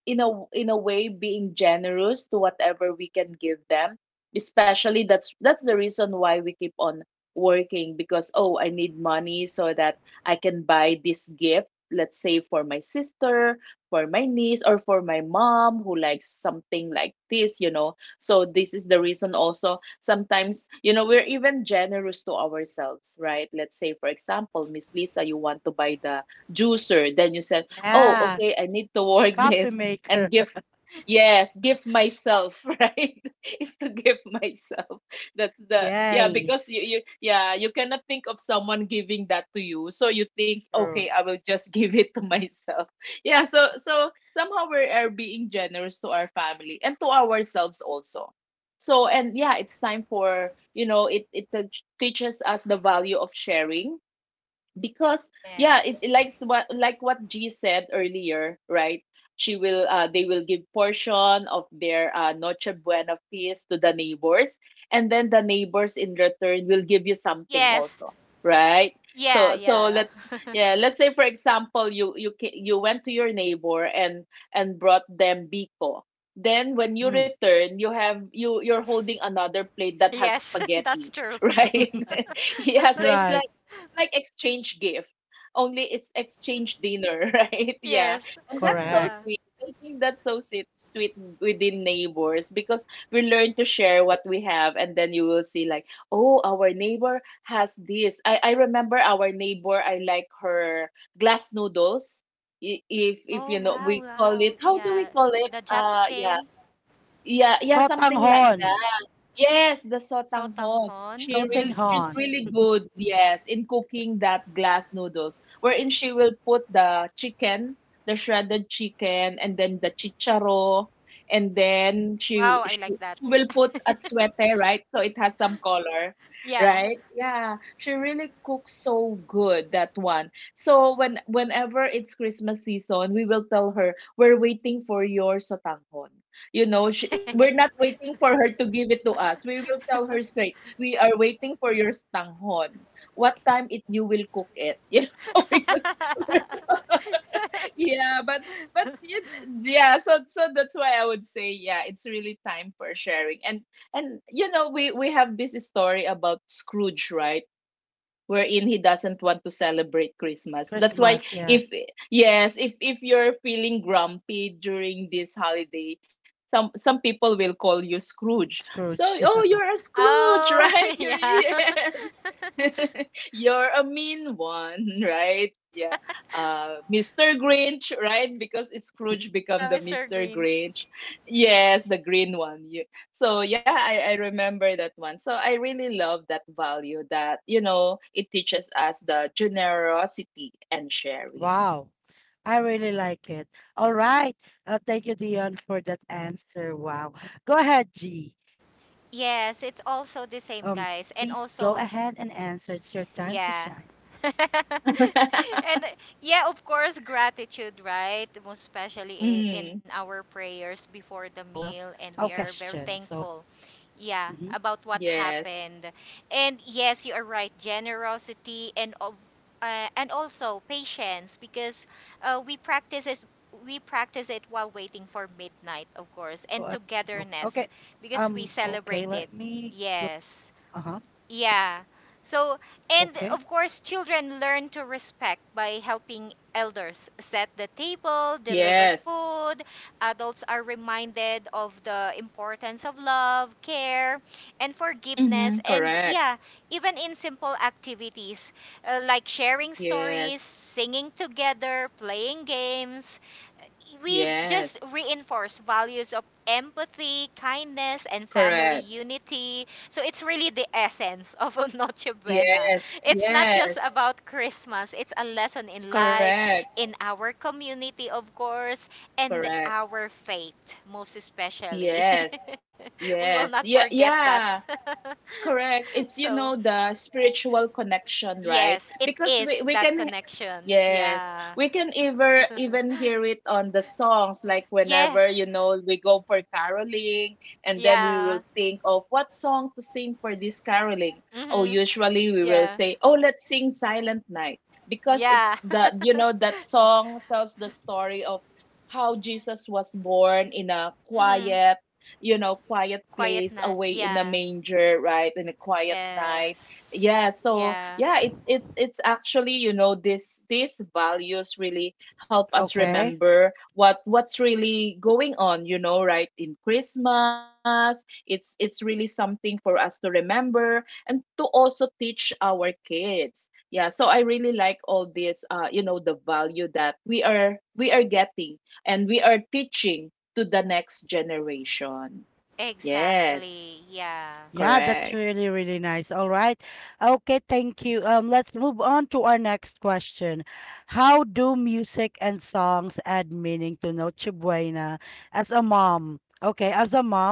[SPEAKER 1] in a way, being generous to whatever we can give them. Especially, that's the reason why we keep on working, because oh, I need money so that I can buy this gift, let's say for my sister, for my niece, or for my mom who likes something like this, you know. So, this is the reason also sometimes, you know, we're even generous to ourselves, right? Let's say, for example, Miss Lisa, you want to buy the juicer, then you said, oh,
[SPEAKER 3] Yeah.
[SPEAKER 1] okay, I need to
[SPEAKER 3] The
[SPEAKER 1] work
[SPEAKER 3] coffee
[SPEAKER 1] this and
[SPEAKER 3] maker.
[SPEAKER 1] give. Yes, give myself, right? It's to give myself. That's the, yeah, because you,
[SPEAKER 3] Yes.
[SPEAKER 1] you yeah, you cannot think of someone giving that to you, so you think okay,
[SPEAKER 3] True.
[SPEAKER 1] I will just give it to myself. Yeah, so so somehow we are being generous to our family and to ourselves also. So and yeah, it's time for, you know, it teaches us the value of sharing because yeah, it,
[SPEAKER 2] Yes.
[SPEAKER 1] it likes what, like what G said earlier, right? She will, they will give portion of their noche buena feast to the neighbors, and then the neighbors in return will give you something
[SPEAKER 2] Yes.
[SPEAKER 1] also, right?
[SPEAKER 2] Yeah,
[SPEAKER 1] So so
[SPEAKER 2] yeah.
[SPEAKER 1] let's, yeah, let's say for example, you you you went to your neighbor and brought them biko, then when you
[SPEAKER 3] Mm.
[SPEAKER 1] return you have, you you're holding another plate that has
[SPEAKER 2] Yes, that's
[SPEAKER 1] spaghetti
[SPEAKER 2] true.
[SPEAKER 1] right. Yeah, so it's
[SPEAKER 3] right.
[SPEAKER 1] like exchange gift, only it's exchange dinner, right? Yeah.
[SPEAKER 2] Yes.
[SPEAKER 1] And that's so
[SPEAKER 3] Correct.
[SPEAKER 2] Yeah.
[SPEAKER 1] sweet. I think that's so sweet, sweet within neighbors, because we learn to share what we have, and then you will see, like, oh, our neighbor has this. I remember our neighbor, I like her glass noodles. If
[SPEAKER 2] Oh,
[SPEAKER 1] you know,
[SPEAKER 2] wow,
[SPEAKER 1] we call
[SPEAKER 2] wow.
[SPEAKER 1] it, how do we
[SPEAKER 2] Yeah.
[SPEAKER 1] call it?
[SPEAKER 2] The
[SPEAKER 1] Yeah,
[SPEAKER 2] japchae,
[SPEAKER 1] yeah, yeah, something like
[SPEAKER 3] Sotanghon.
[SPEAKER 1] that. Yes, the sotanghon.
[SPEAKER 2] sotanghon.
[SPEAKER 1] She really,
[SPEAKER 2] Mm.
[SPEAKER 1] she's
[SPEAKER 3] Sotanghon.
[SPEAKER 1] really good, yes, in cooking that glass noodles, wherein she will put the chicken, the shredded chicken, and then the chicharo, and then
[SPEAKER 2] Wow, I like that.
[SPEAKER 1] she will put atsuete, right? So it has some color,
[SPEAKER 2] Yeah.
[SPEAKER 1] right? Yeah, she really cooks so good that one. So when whenever it's Christmas season, we will tell her, we're waiting for your sotanghon. You know, she, we're not waiting for her to give it to us. We will tell her straight. We are waiting for your stanghon. What time it you will cook it? You know, because yeah, but but yeah, so so that's why I would say yeah, it's really time for sharing. And you know, we have this story about Scrooge, right? Wherein he doesn't want to celebrate Christmas. That's why,
[SPEAKER 3] Christmas. Yeah.
[SPEAKER 1] if yes, if you're feeling grumpy during this holiday, some people will call you Scrooge. So,
[SPEAKER 3] Scrooge.
[SPEAKER 1] oh,
[SPEAKER 3] Yeah.
[SPEAKER 1] you're a Scrooge,
[SPEAKER 2] Oh,
[SPEAKER 1] right? You're,
[SPEAKER 2] yeah.
[SPEAKER 1] yes. You're a mean one, right? Yeah. Uh, Mr. Grinch, right? Because Scrooge become
[SPEAKER 2] Yeah,
[SPEAKER 1] the
[SPEAKER 2] Mr.
[SPEAKER 1] Mr.
[SPEAKER 2] Grinch.
[SPEAKER 1] Grinch. Yes, the green one. So yeah, I remember that one. So I really love that value that, you know, it teaches us the generosity and sharing.
[SPEAKER 3] Wow. I really like it. All right. Thank you, Dion, for that answer. Wow. Go ahead, G. Um,
[SPEAKER 2] Yes,
[SPEAKER 3] please
[SPEAKER 2] it's
[SPEAKER 3] go
[SPEAKER 2] also
[SPEAKER 3] ahead
[SPEAKER 2] the
[SPEAKER 3] and
[SPEAKER 2] same,
[SPEAKER 3] answer.
[SPEAKER 2] guys.
[SPEAKER 3] It's your
[SPEAKER 2] And
[SPEAKER 3] time to
[SPEAKER 2] also,
[SPEAKER 3] shine.
[SPEAKER 2] yeah.
[SPEAKER 3] Go ahead.
[SPEAKER 2] And
[SPEAKER 3] Go,
[SPEAKER 2] yeah, of
[SPEAKER 3] girl.
[SPEAKER 2] course,
[SPEAKER 3] Okay.
[SPEAKER 2] gratitude, right?
[SPEAKER 3] Let me
[SPEAKER 2] Most
[SPEAKER 3] read
[SPEAKER 2] especially
[SPEAKER 3] first
[SPEAKER 2] in
[SPEAKER 1] Mm,
[SPEAKER 3] the
[SPEAKER 2] our prayers before
[SPEAKER 3] question.
[SPEAKER 2] the
[SPEAKER 3] So,
[SPEAKER 2] meal, and we are
[SPEAKER 3] Yeah.
[SPEAKER 2] very thankful. Yeah,
[SPEAKER 3] Mm-hmm.
[SPEAKER 2] about what
[SPEAKER 1] yes.
[SPEAKER 2] happened. And yes, you are right. Generosity and of
[SPEAKER 3] Okay.
[SPEAKER 2] and also patience
[SPEAKER 3] All
[SPEAKER 2] because
[SPEAKER 3] right.
[SPEAKER 2] uh, we practice is
[SPEAKER 3] Okay.
[SPEAKER 2] we practice it
[SPEAKER 3] Um,
[SPEAKER 2] while waiting
[SPEAKER 3] okay,
[SPEAKER 2] for
[SPEAKER 3] let
[SPEAKER 2] midnight,
[SPEAKER 3] me
[SPEAKER 2] of course,
[SPEAKER 3] go.
[SPEAKER 2] and togetherness because we
[SPEAKER 3] Uh-huh.
[SPEAKER 2] celebrate it. Yes. Yeah.
[SPEAKER 3] Okay.
[SPEAKER 2] So, and of course, children learn to respect by helping elders set the table, deliver
[SPEAKER 1] Yes.
[SPEAKER 2] food. Adults are reminded of the importance of love, care, and forgiveness.
[SPEAKER 1] Mm-hmm,
[SPEAKER 2] And
[SPEAKER 1] correct.
[SPEAKER 2] yeah, even in simple activities like sharing stories,
[SPEAKER 1] Yes.
[SPEAKER 2] singing together, playing games, we
[SPEAKER 1] Yes.
[SPEAKER 2] just reinforce values of empathy, kindness, and family
[SPEAKER 1] Correct.
[SPEAKER 2] unity. So it's really the essence of a Noche Buena.
[SPEAKER 1] Yes.
[SPEAKER 2] It's not just
[SPEAKER 1] Yes.
[SPEAKER 2] about Christmas, it's a lesson in life,
[SPEAKER 1] Correct.
[SPEAKER 2] in our community, of course, and
[SPEAKER 1] Correct.
[SPEAKER 2] our faith, most especially.
[SPEAKER 1] Yes.
[SPEAKER 2] We will not
[SPEAKER 1] Yes. Yeah.
[SPEAKER 2] forget that.
[SPEAKER 1] Yeah. Correct. It's, you
[SPEAKER 2] So,
[SPEAKER 1] know, the spiritual connection, right?
[SPEAKER 2] yes, it
[SPEAKER 1] Because
[SPEAKER 2] is
[SPEAKER 1] we, we
[SPEAKER 2] that
[SPEAKER 1] can
[SPEAKER 2] connection.
[SPEAKER 1] yes,
[SPEAKER 2] Yeah.
[SPEAKER 1] we can ever even hear it on the songs. Like whenever,
[SPEAKER 2] Yes.
[SPEAKER 1] you know, we go for caroling, and then we
[SPEAKER 2] Yeah.
[SPEAKER 1] will think of what song to sing for this caroling. Oh,
[SPEAKER 2] Mm-hmm.
[SPEAKER 1] usually we will
[SPEAKER 2] Yeah.
[SPEAKER 1] say, "Oh, let's sing Silent Night," because it
[SPEAKER 2] Yeah.
[SPEAKER 1] that, you know, that song tells the story of how Jesus was born in a
[SPEAKER 2] Mm-hmm.
[SPEAKER 1] quiet, you know, quiet
[SPEAKER 2] Quiet
[SPEAKER 1] place,
[SPEAKER 2] na.
[SPEAKER 1] away in a
[SPEAKER 2] Yeah.
[SPEAKER 1] manger, right, in a quiet night.
[SPEAKER 2] Yes.
[SPEAKER 1] Yeah, so
[SPEAKER 2] Yeah.
[SPEAKER 1] yeah, it's actually, you know, this these values really help us remember what's really going on, you know, right? In Christmas it's really something for us to remember and to also teach our kids. Yeah, so I really like all this, you know, the value that we are getting and we are teaching to the next generation. Yes,
[SPEAKER 2] Exactly. Yeah.
[SPEAKER 1] correct.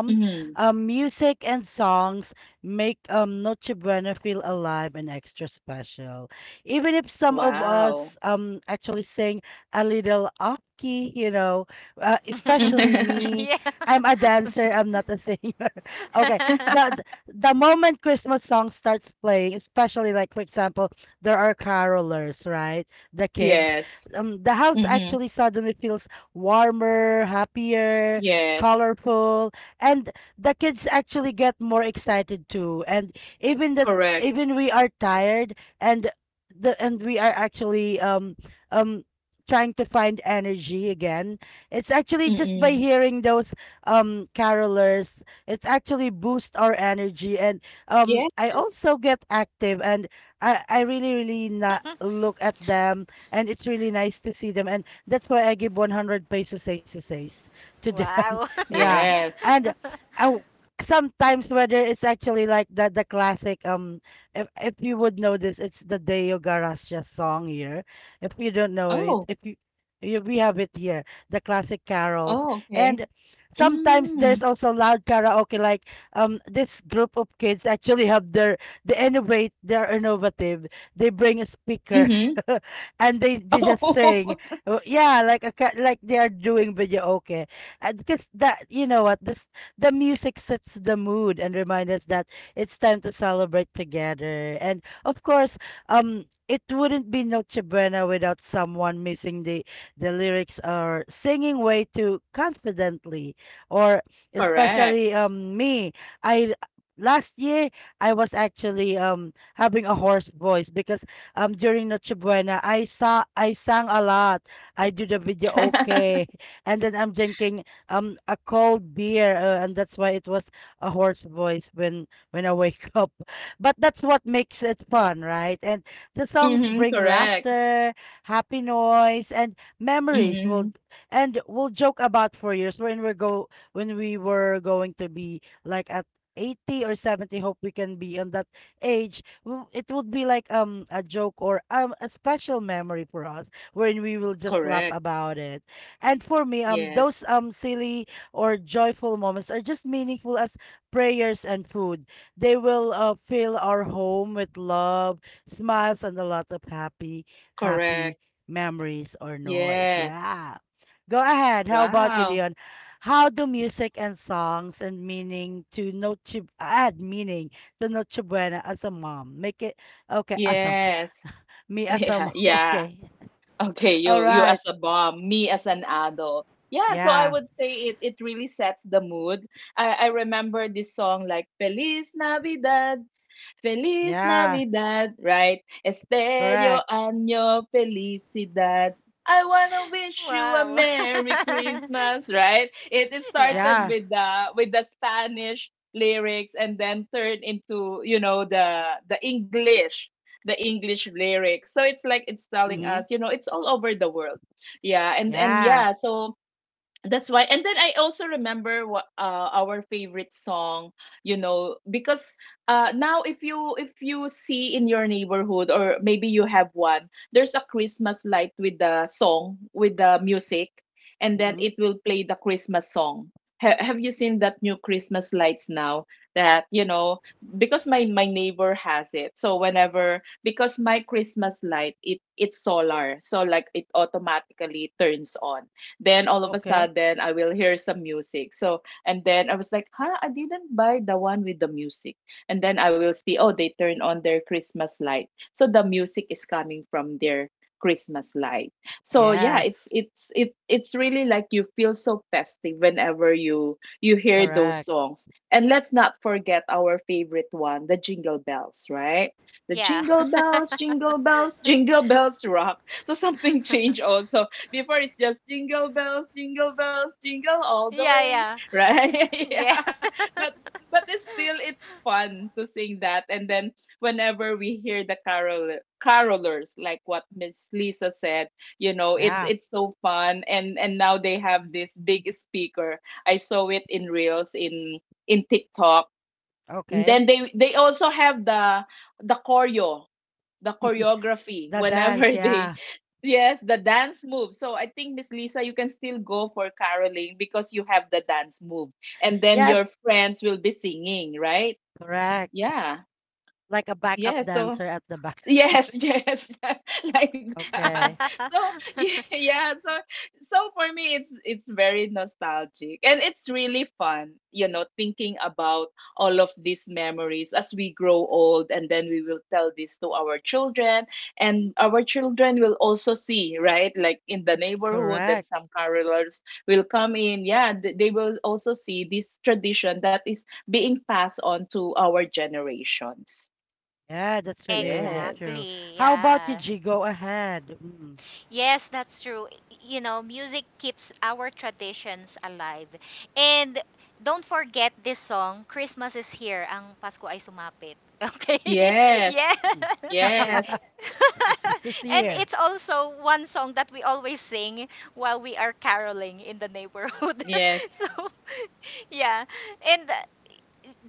[SPEAKER 1] Mhm. Wow. Mhm.
[SPEAKER 2] Yeah.
[SPEAKER 1] Yes. Mm-hmm. Yes. Correct. Mm-mm. Yes.
[SPEAKER 2] Wow.
[SPEAKER 1] Yes. Oh. Oh, okay. Mm. Mm-hmm. Oh, correct. Mm-hmm. Correct. Mm-hmm. Correct. Yes. Correct. Yes. Wow. Yes. Yeah. Yeah. Okay, you as a mom, me as an adult. Yeah, so I would say it really sets the mood. I remember this song like Feliz Navidad, Feliz Navidad, right? Estéreo año felicidad. I wanna wish you a
[SPEAKER 2] Wow.
[SPEAKER 1] Merry Christmas, right? It is
[SPEAKER 2] Yeah.
[SPEAKER 1] started with the Spanish lyrics and then turned into, you know, the English lyrics. So it's like it's telling us, you know, it's all over the world. Yeah, and yeah, so that's why. And then I also remember what, our favorite song, you know, because, now if you see in your neighborhood or maybe you have one, there's a Christmas light with the song with the music, and then it will play the Christmas song. Have you seen that new Christmas lights now? That, you know, because my neighbor has it. So whenever, because my Christmas light, it's solar, so like it automatically turns on, then all of a sudden, I will hear some music. So, and then I was like, huh, I didn't buy the one with the music. And then I will see, oh, they turn on their Christmas light. So the music is coming from their Christmas light. So yeah, it it's really like you feel so festive whenever you hear those songs. And let's not forget our favorite one, the jingle bells, right? The
[SPEAKER 2] Yeah.
[SPEAKER 1] jingle bells, jingle bells, jingle bells rock. So something change also. Before it's just jingle bells, jingle bells, jingle all the
[SPEAKER 2] Yeah,
[SPEAKER 1] way,
[SPEAKER 2] yeah.
[SPEAKER 1] right?
[SPEAKER 2] Yeah.
[SPEAKER 1] Yeah. But but it's still, it's fun to sing that. And then whenever we hear the carolers, like what Miss Lisa said, you know, it's so fun. And now they have this big speaker. I saw it in reels in TikTok, and then they also have the choreo, the choreography whenever they yes, the dance move. So I think Miss Lisa, you can still go for caroling because you have the dance move. And then your friends will be singing, right? Yeah. Yeah, so yes, yes, like that. So yeah, yeah, so for me it's very nostalgic and it's really fun, you know, thinking about all of these memories as we grow old, and then we will tell this to our children, and our children will also see, right? Like in the neighborhood and some carolers will come in. Yeah, they will also see this tradition that is being passed on to our generations. Yes.
[SPEAKER 2] Exactly. Yeah. Yes, that's true. You know, music keeps our traditions alive. And don't forget this song, Christmas is here, ang Pasko ay sumapit. Okay?
[SPEAKER 1] Yes,
[SPEAKER 2] Yeah.
[SPEAKER 1] yes,
[SPEAKER 2] And it's also one song that we always sing while we are caroling in the neighborhood.
[SPEAKER 1] yes,
[SPEAKER 2] So yeah, and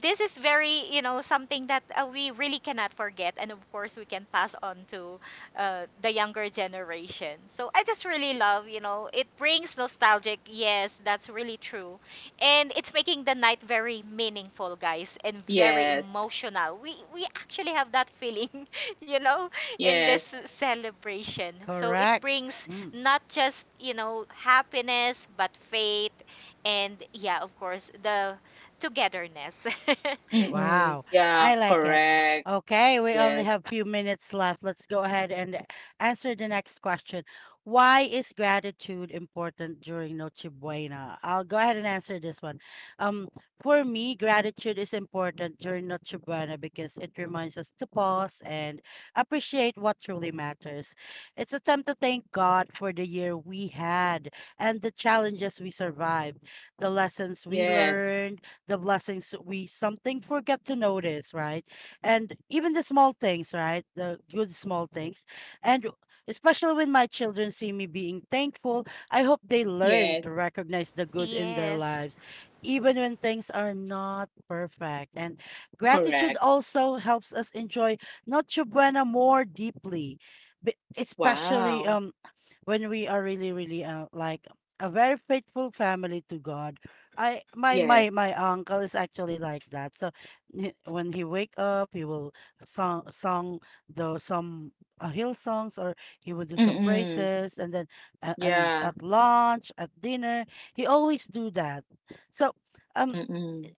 [SPEAKER 2] this is very, you know, something that we really cannot forget, and of course we can pass on to the younger generation. So I just really love, you know, it brings nostalgic, yes, that's really true, and it's making the night very meaningful, guys, and very
[SPEAKER 1] yes,
[SPEAKER 2] emotional. We actually have that feeling you know, in this
[SPEAKER 1] yes.
[SPEAKER 2] celebration. So it brings not just, you know, happiness, but faith, and yeah, of course, the togetherness.
[SPEAKER 1] Mm-mm. Yeah, correct. Yes, yes, yes,
[SPEAKER 2] Yes,
[SPEAKER 1] correct. Wow. Yes. Mm-mm. Yeah. Mm-mm.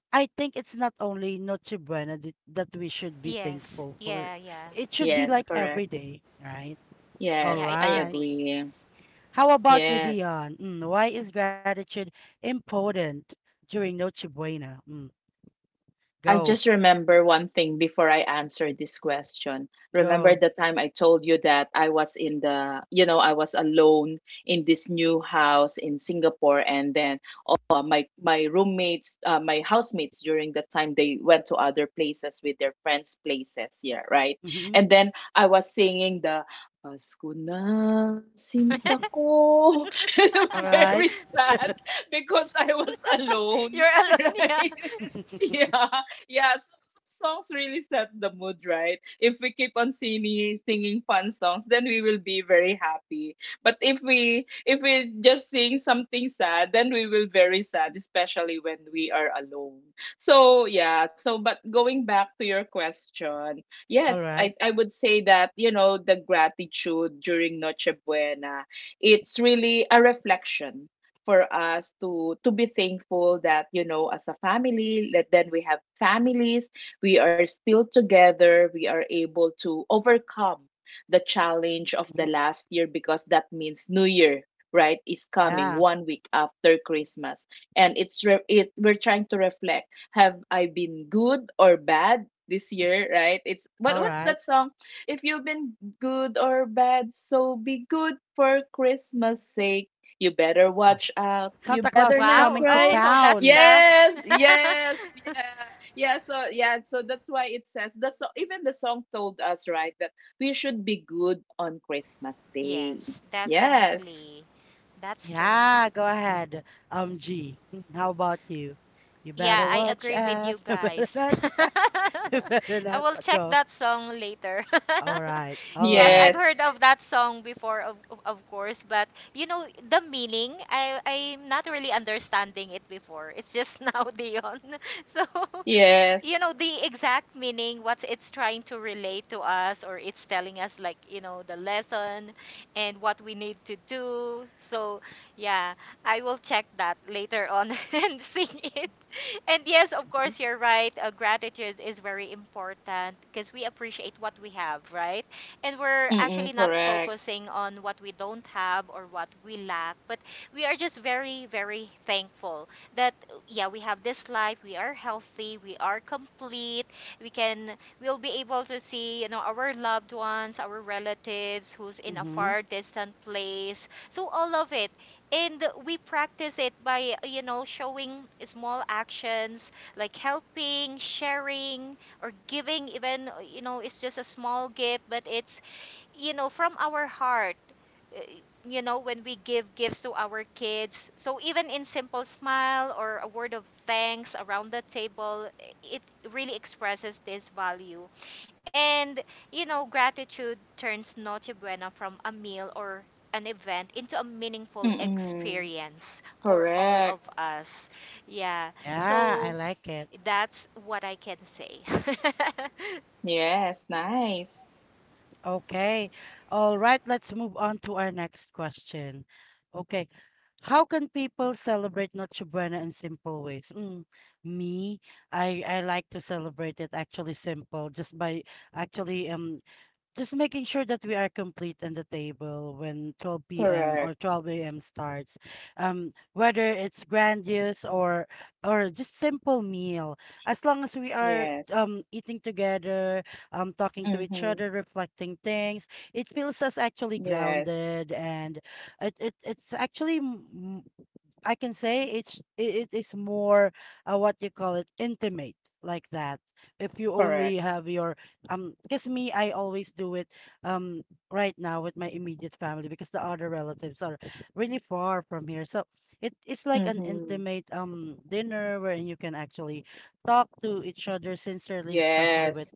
[SPEAKER 2] yes, yeah, yeah,
[SPEAKER 1] Yes, correct.
[SPEAKER 2] yeah,
[SPEAKER 1] Yes,
[SPEAKER 2] it
[SPEAKER 1] I
[SPEAKER 2] should be.
[SPEAKER 1] agree. Yes. I just remember one thing before I answer this question. Remember the time I told you that I was in the, you know, I was alone in this new house in Singapore, and then, my roommates, my housemates during that time they went to other places with their friends' places here, right? And then I was singing the Pasko na sinta ko. Very sad because I was alone,
[SPEAKER 2] You're alone. Yeah,
[SPEAKER 1] right? Yeah, yeah. So, so songs really set the mood, right? If we keep on singing fun songs, then we will be very happy. But if we just sing something sad, then we will very sad, especially when we are alone. So yeah. So but going back to your question, yes, I would say that you know the gratitude during Noche Buena, it's really a reflection for us to be thankful that, you know, as a family, that then we have families, we are still together, we are able to overcome the challenge of the last year, because that means new year, right, is coming 1 week after Christmas. And it's re- it we're trying to reflect, have I been good or bad this year, right? It's, what's that song? If you've been good or bad, so be good for Christmas sake. You better watch out. You better not
[SPEAKER 2] wow. Oh,
[SPEAKER 1] cry.
[SPEAKER 2] so that's the.
[SPEAKER 1] Yes, yes, yeah, yeah. So yeah, so that's why it says the, so even the song told us, right, that we should be good on Christmas Day.
[SPEAKER 2] Yes,
[SPEAKER 1] Yes,
[SPEAKER 2] definitely, that's true. Yeah, I agree with you guys. I will check that song later. Yes, I've
[SPEAKER 1] yes,
[SPEAKER 2] heard of that song before, of course, but you know the meaning. I'm not really understanding it before. It's just now, Dion. So
[SPEAKER 1] yes.
[SPEAKER 2] you know the exact meaning, what it's trying to relate to us, or it's telling us, like, you know, the lesson and what we need to do. So yeah, I will check that later on and sing it. And yes, of course, you're right. Gratitude is very important because we appreciate what we have, right? And we're actually
[SPEAKER 1] Mm-mm,
[SPEAKER 2] not
[SPEAKER 1] correct.
[SPEAKER 2] focusing on what we don't have or what we lack, but we are just very, very thankful that, yeah, we have this life, we are healthy, we are complete, we can, we'll be able to see, you know, our loved ones, our relatives who's in a far distant place. So all of it, and we practice it by, you know, showing small actions like helping, sharing, or giving, even, you know, it's just a small gift, but it's, you know, from our heart, uh, you know, when we give gifts to our kids. So even in simple smile or a word of thanks around the table, eh, it really expresses this value. And, you know, gratitude turns Noche Buena from a meal or an event into a meaningful
[SPEAKER 1] Mm-mm,
[SPEAKER 2] experience for all
[SPEAKER 1] correct.
[SPEAKER 2] of us. Yeah. So that's what I can say.
[SPEAKER 1] Yes, nice. Correct. Yes. Mm-hmm. Yes. Correct. Mm-hmm. Yes.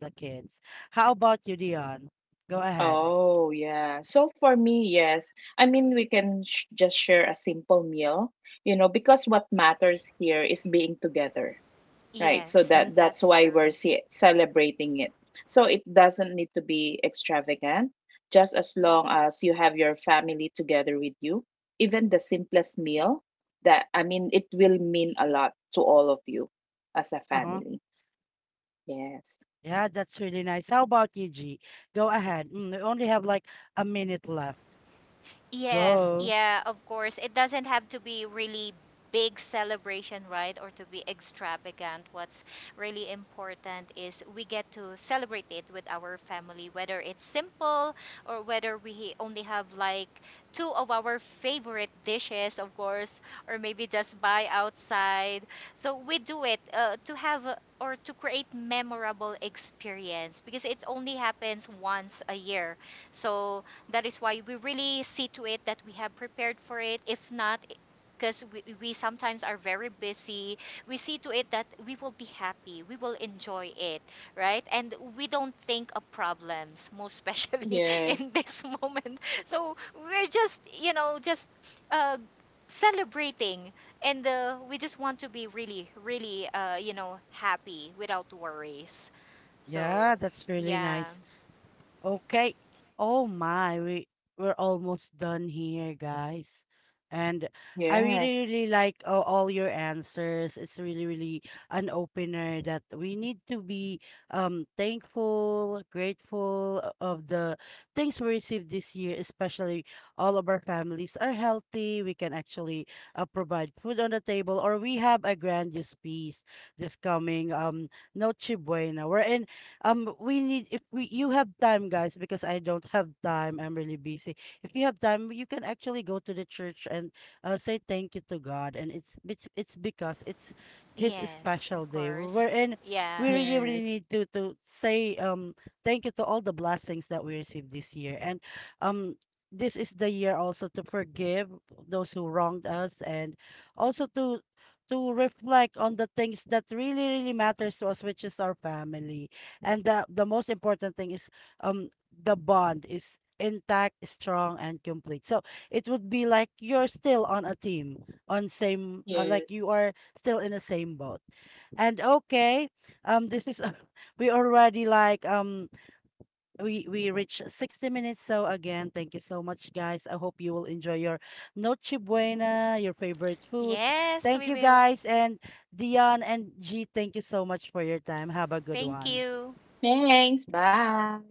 [SPEAKER 1] Oh, yeah. So for me, yes. I mean, we can sh just share a simple meal, you know, because what matters here is being together, right? So
[SPEAKER 2] Yes,
[SPEAKER 1] that
[SPEAKER 2] that's
[SPEAKER 1] that's why
[SPEAKER 2] true.
[SPEAKER 1] we're celebrating it. So it doesn't need to be extravagant, just as long as you have your family together with you. Even the simplest meal, that I mean, it will mean a lot to all of you as a family. Yes.
[SPEAKER 2] Yes, yeah, of course. It doesn't have to be really big celebration, right? Or to be extravagant. What's really important is we get to celebrate it with our family, whether it's simple or whether we only have like two of our favorite dishes, of course, or maybe just buy outside. So we do it to have or to create memorable experience because it only happens once a year. So that is why we really see to it that we have prepared for it. If not, because we sometimes are very busy, we see to it that we will be happy, we will enjoy it, right? And we don't think of problems, most especially in
[SPEAKER 1] Yes.
[SPEAKER 2] this moment. So we're just, you know, just uh, celebrating, and we just want to be really, really, you know, happy without worries. So, yeah,
[SPEAKER 1] Yes.
[SPEAKER 2] yes, of course. Yeah.
[SPEAKER 1] Yes. Yes.
[SPEAKER 2] Yes, we will. Thank you.
[SPEAKER 1] Thanks. Bye.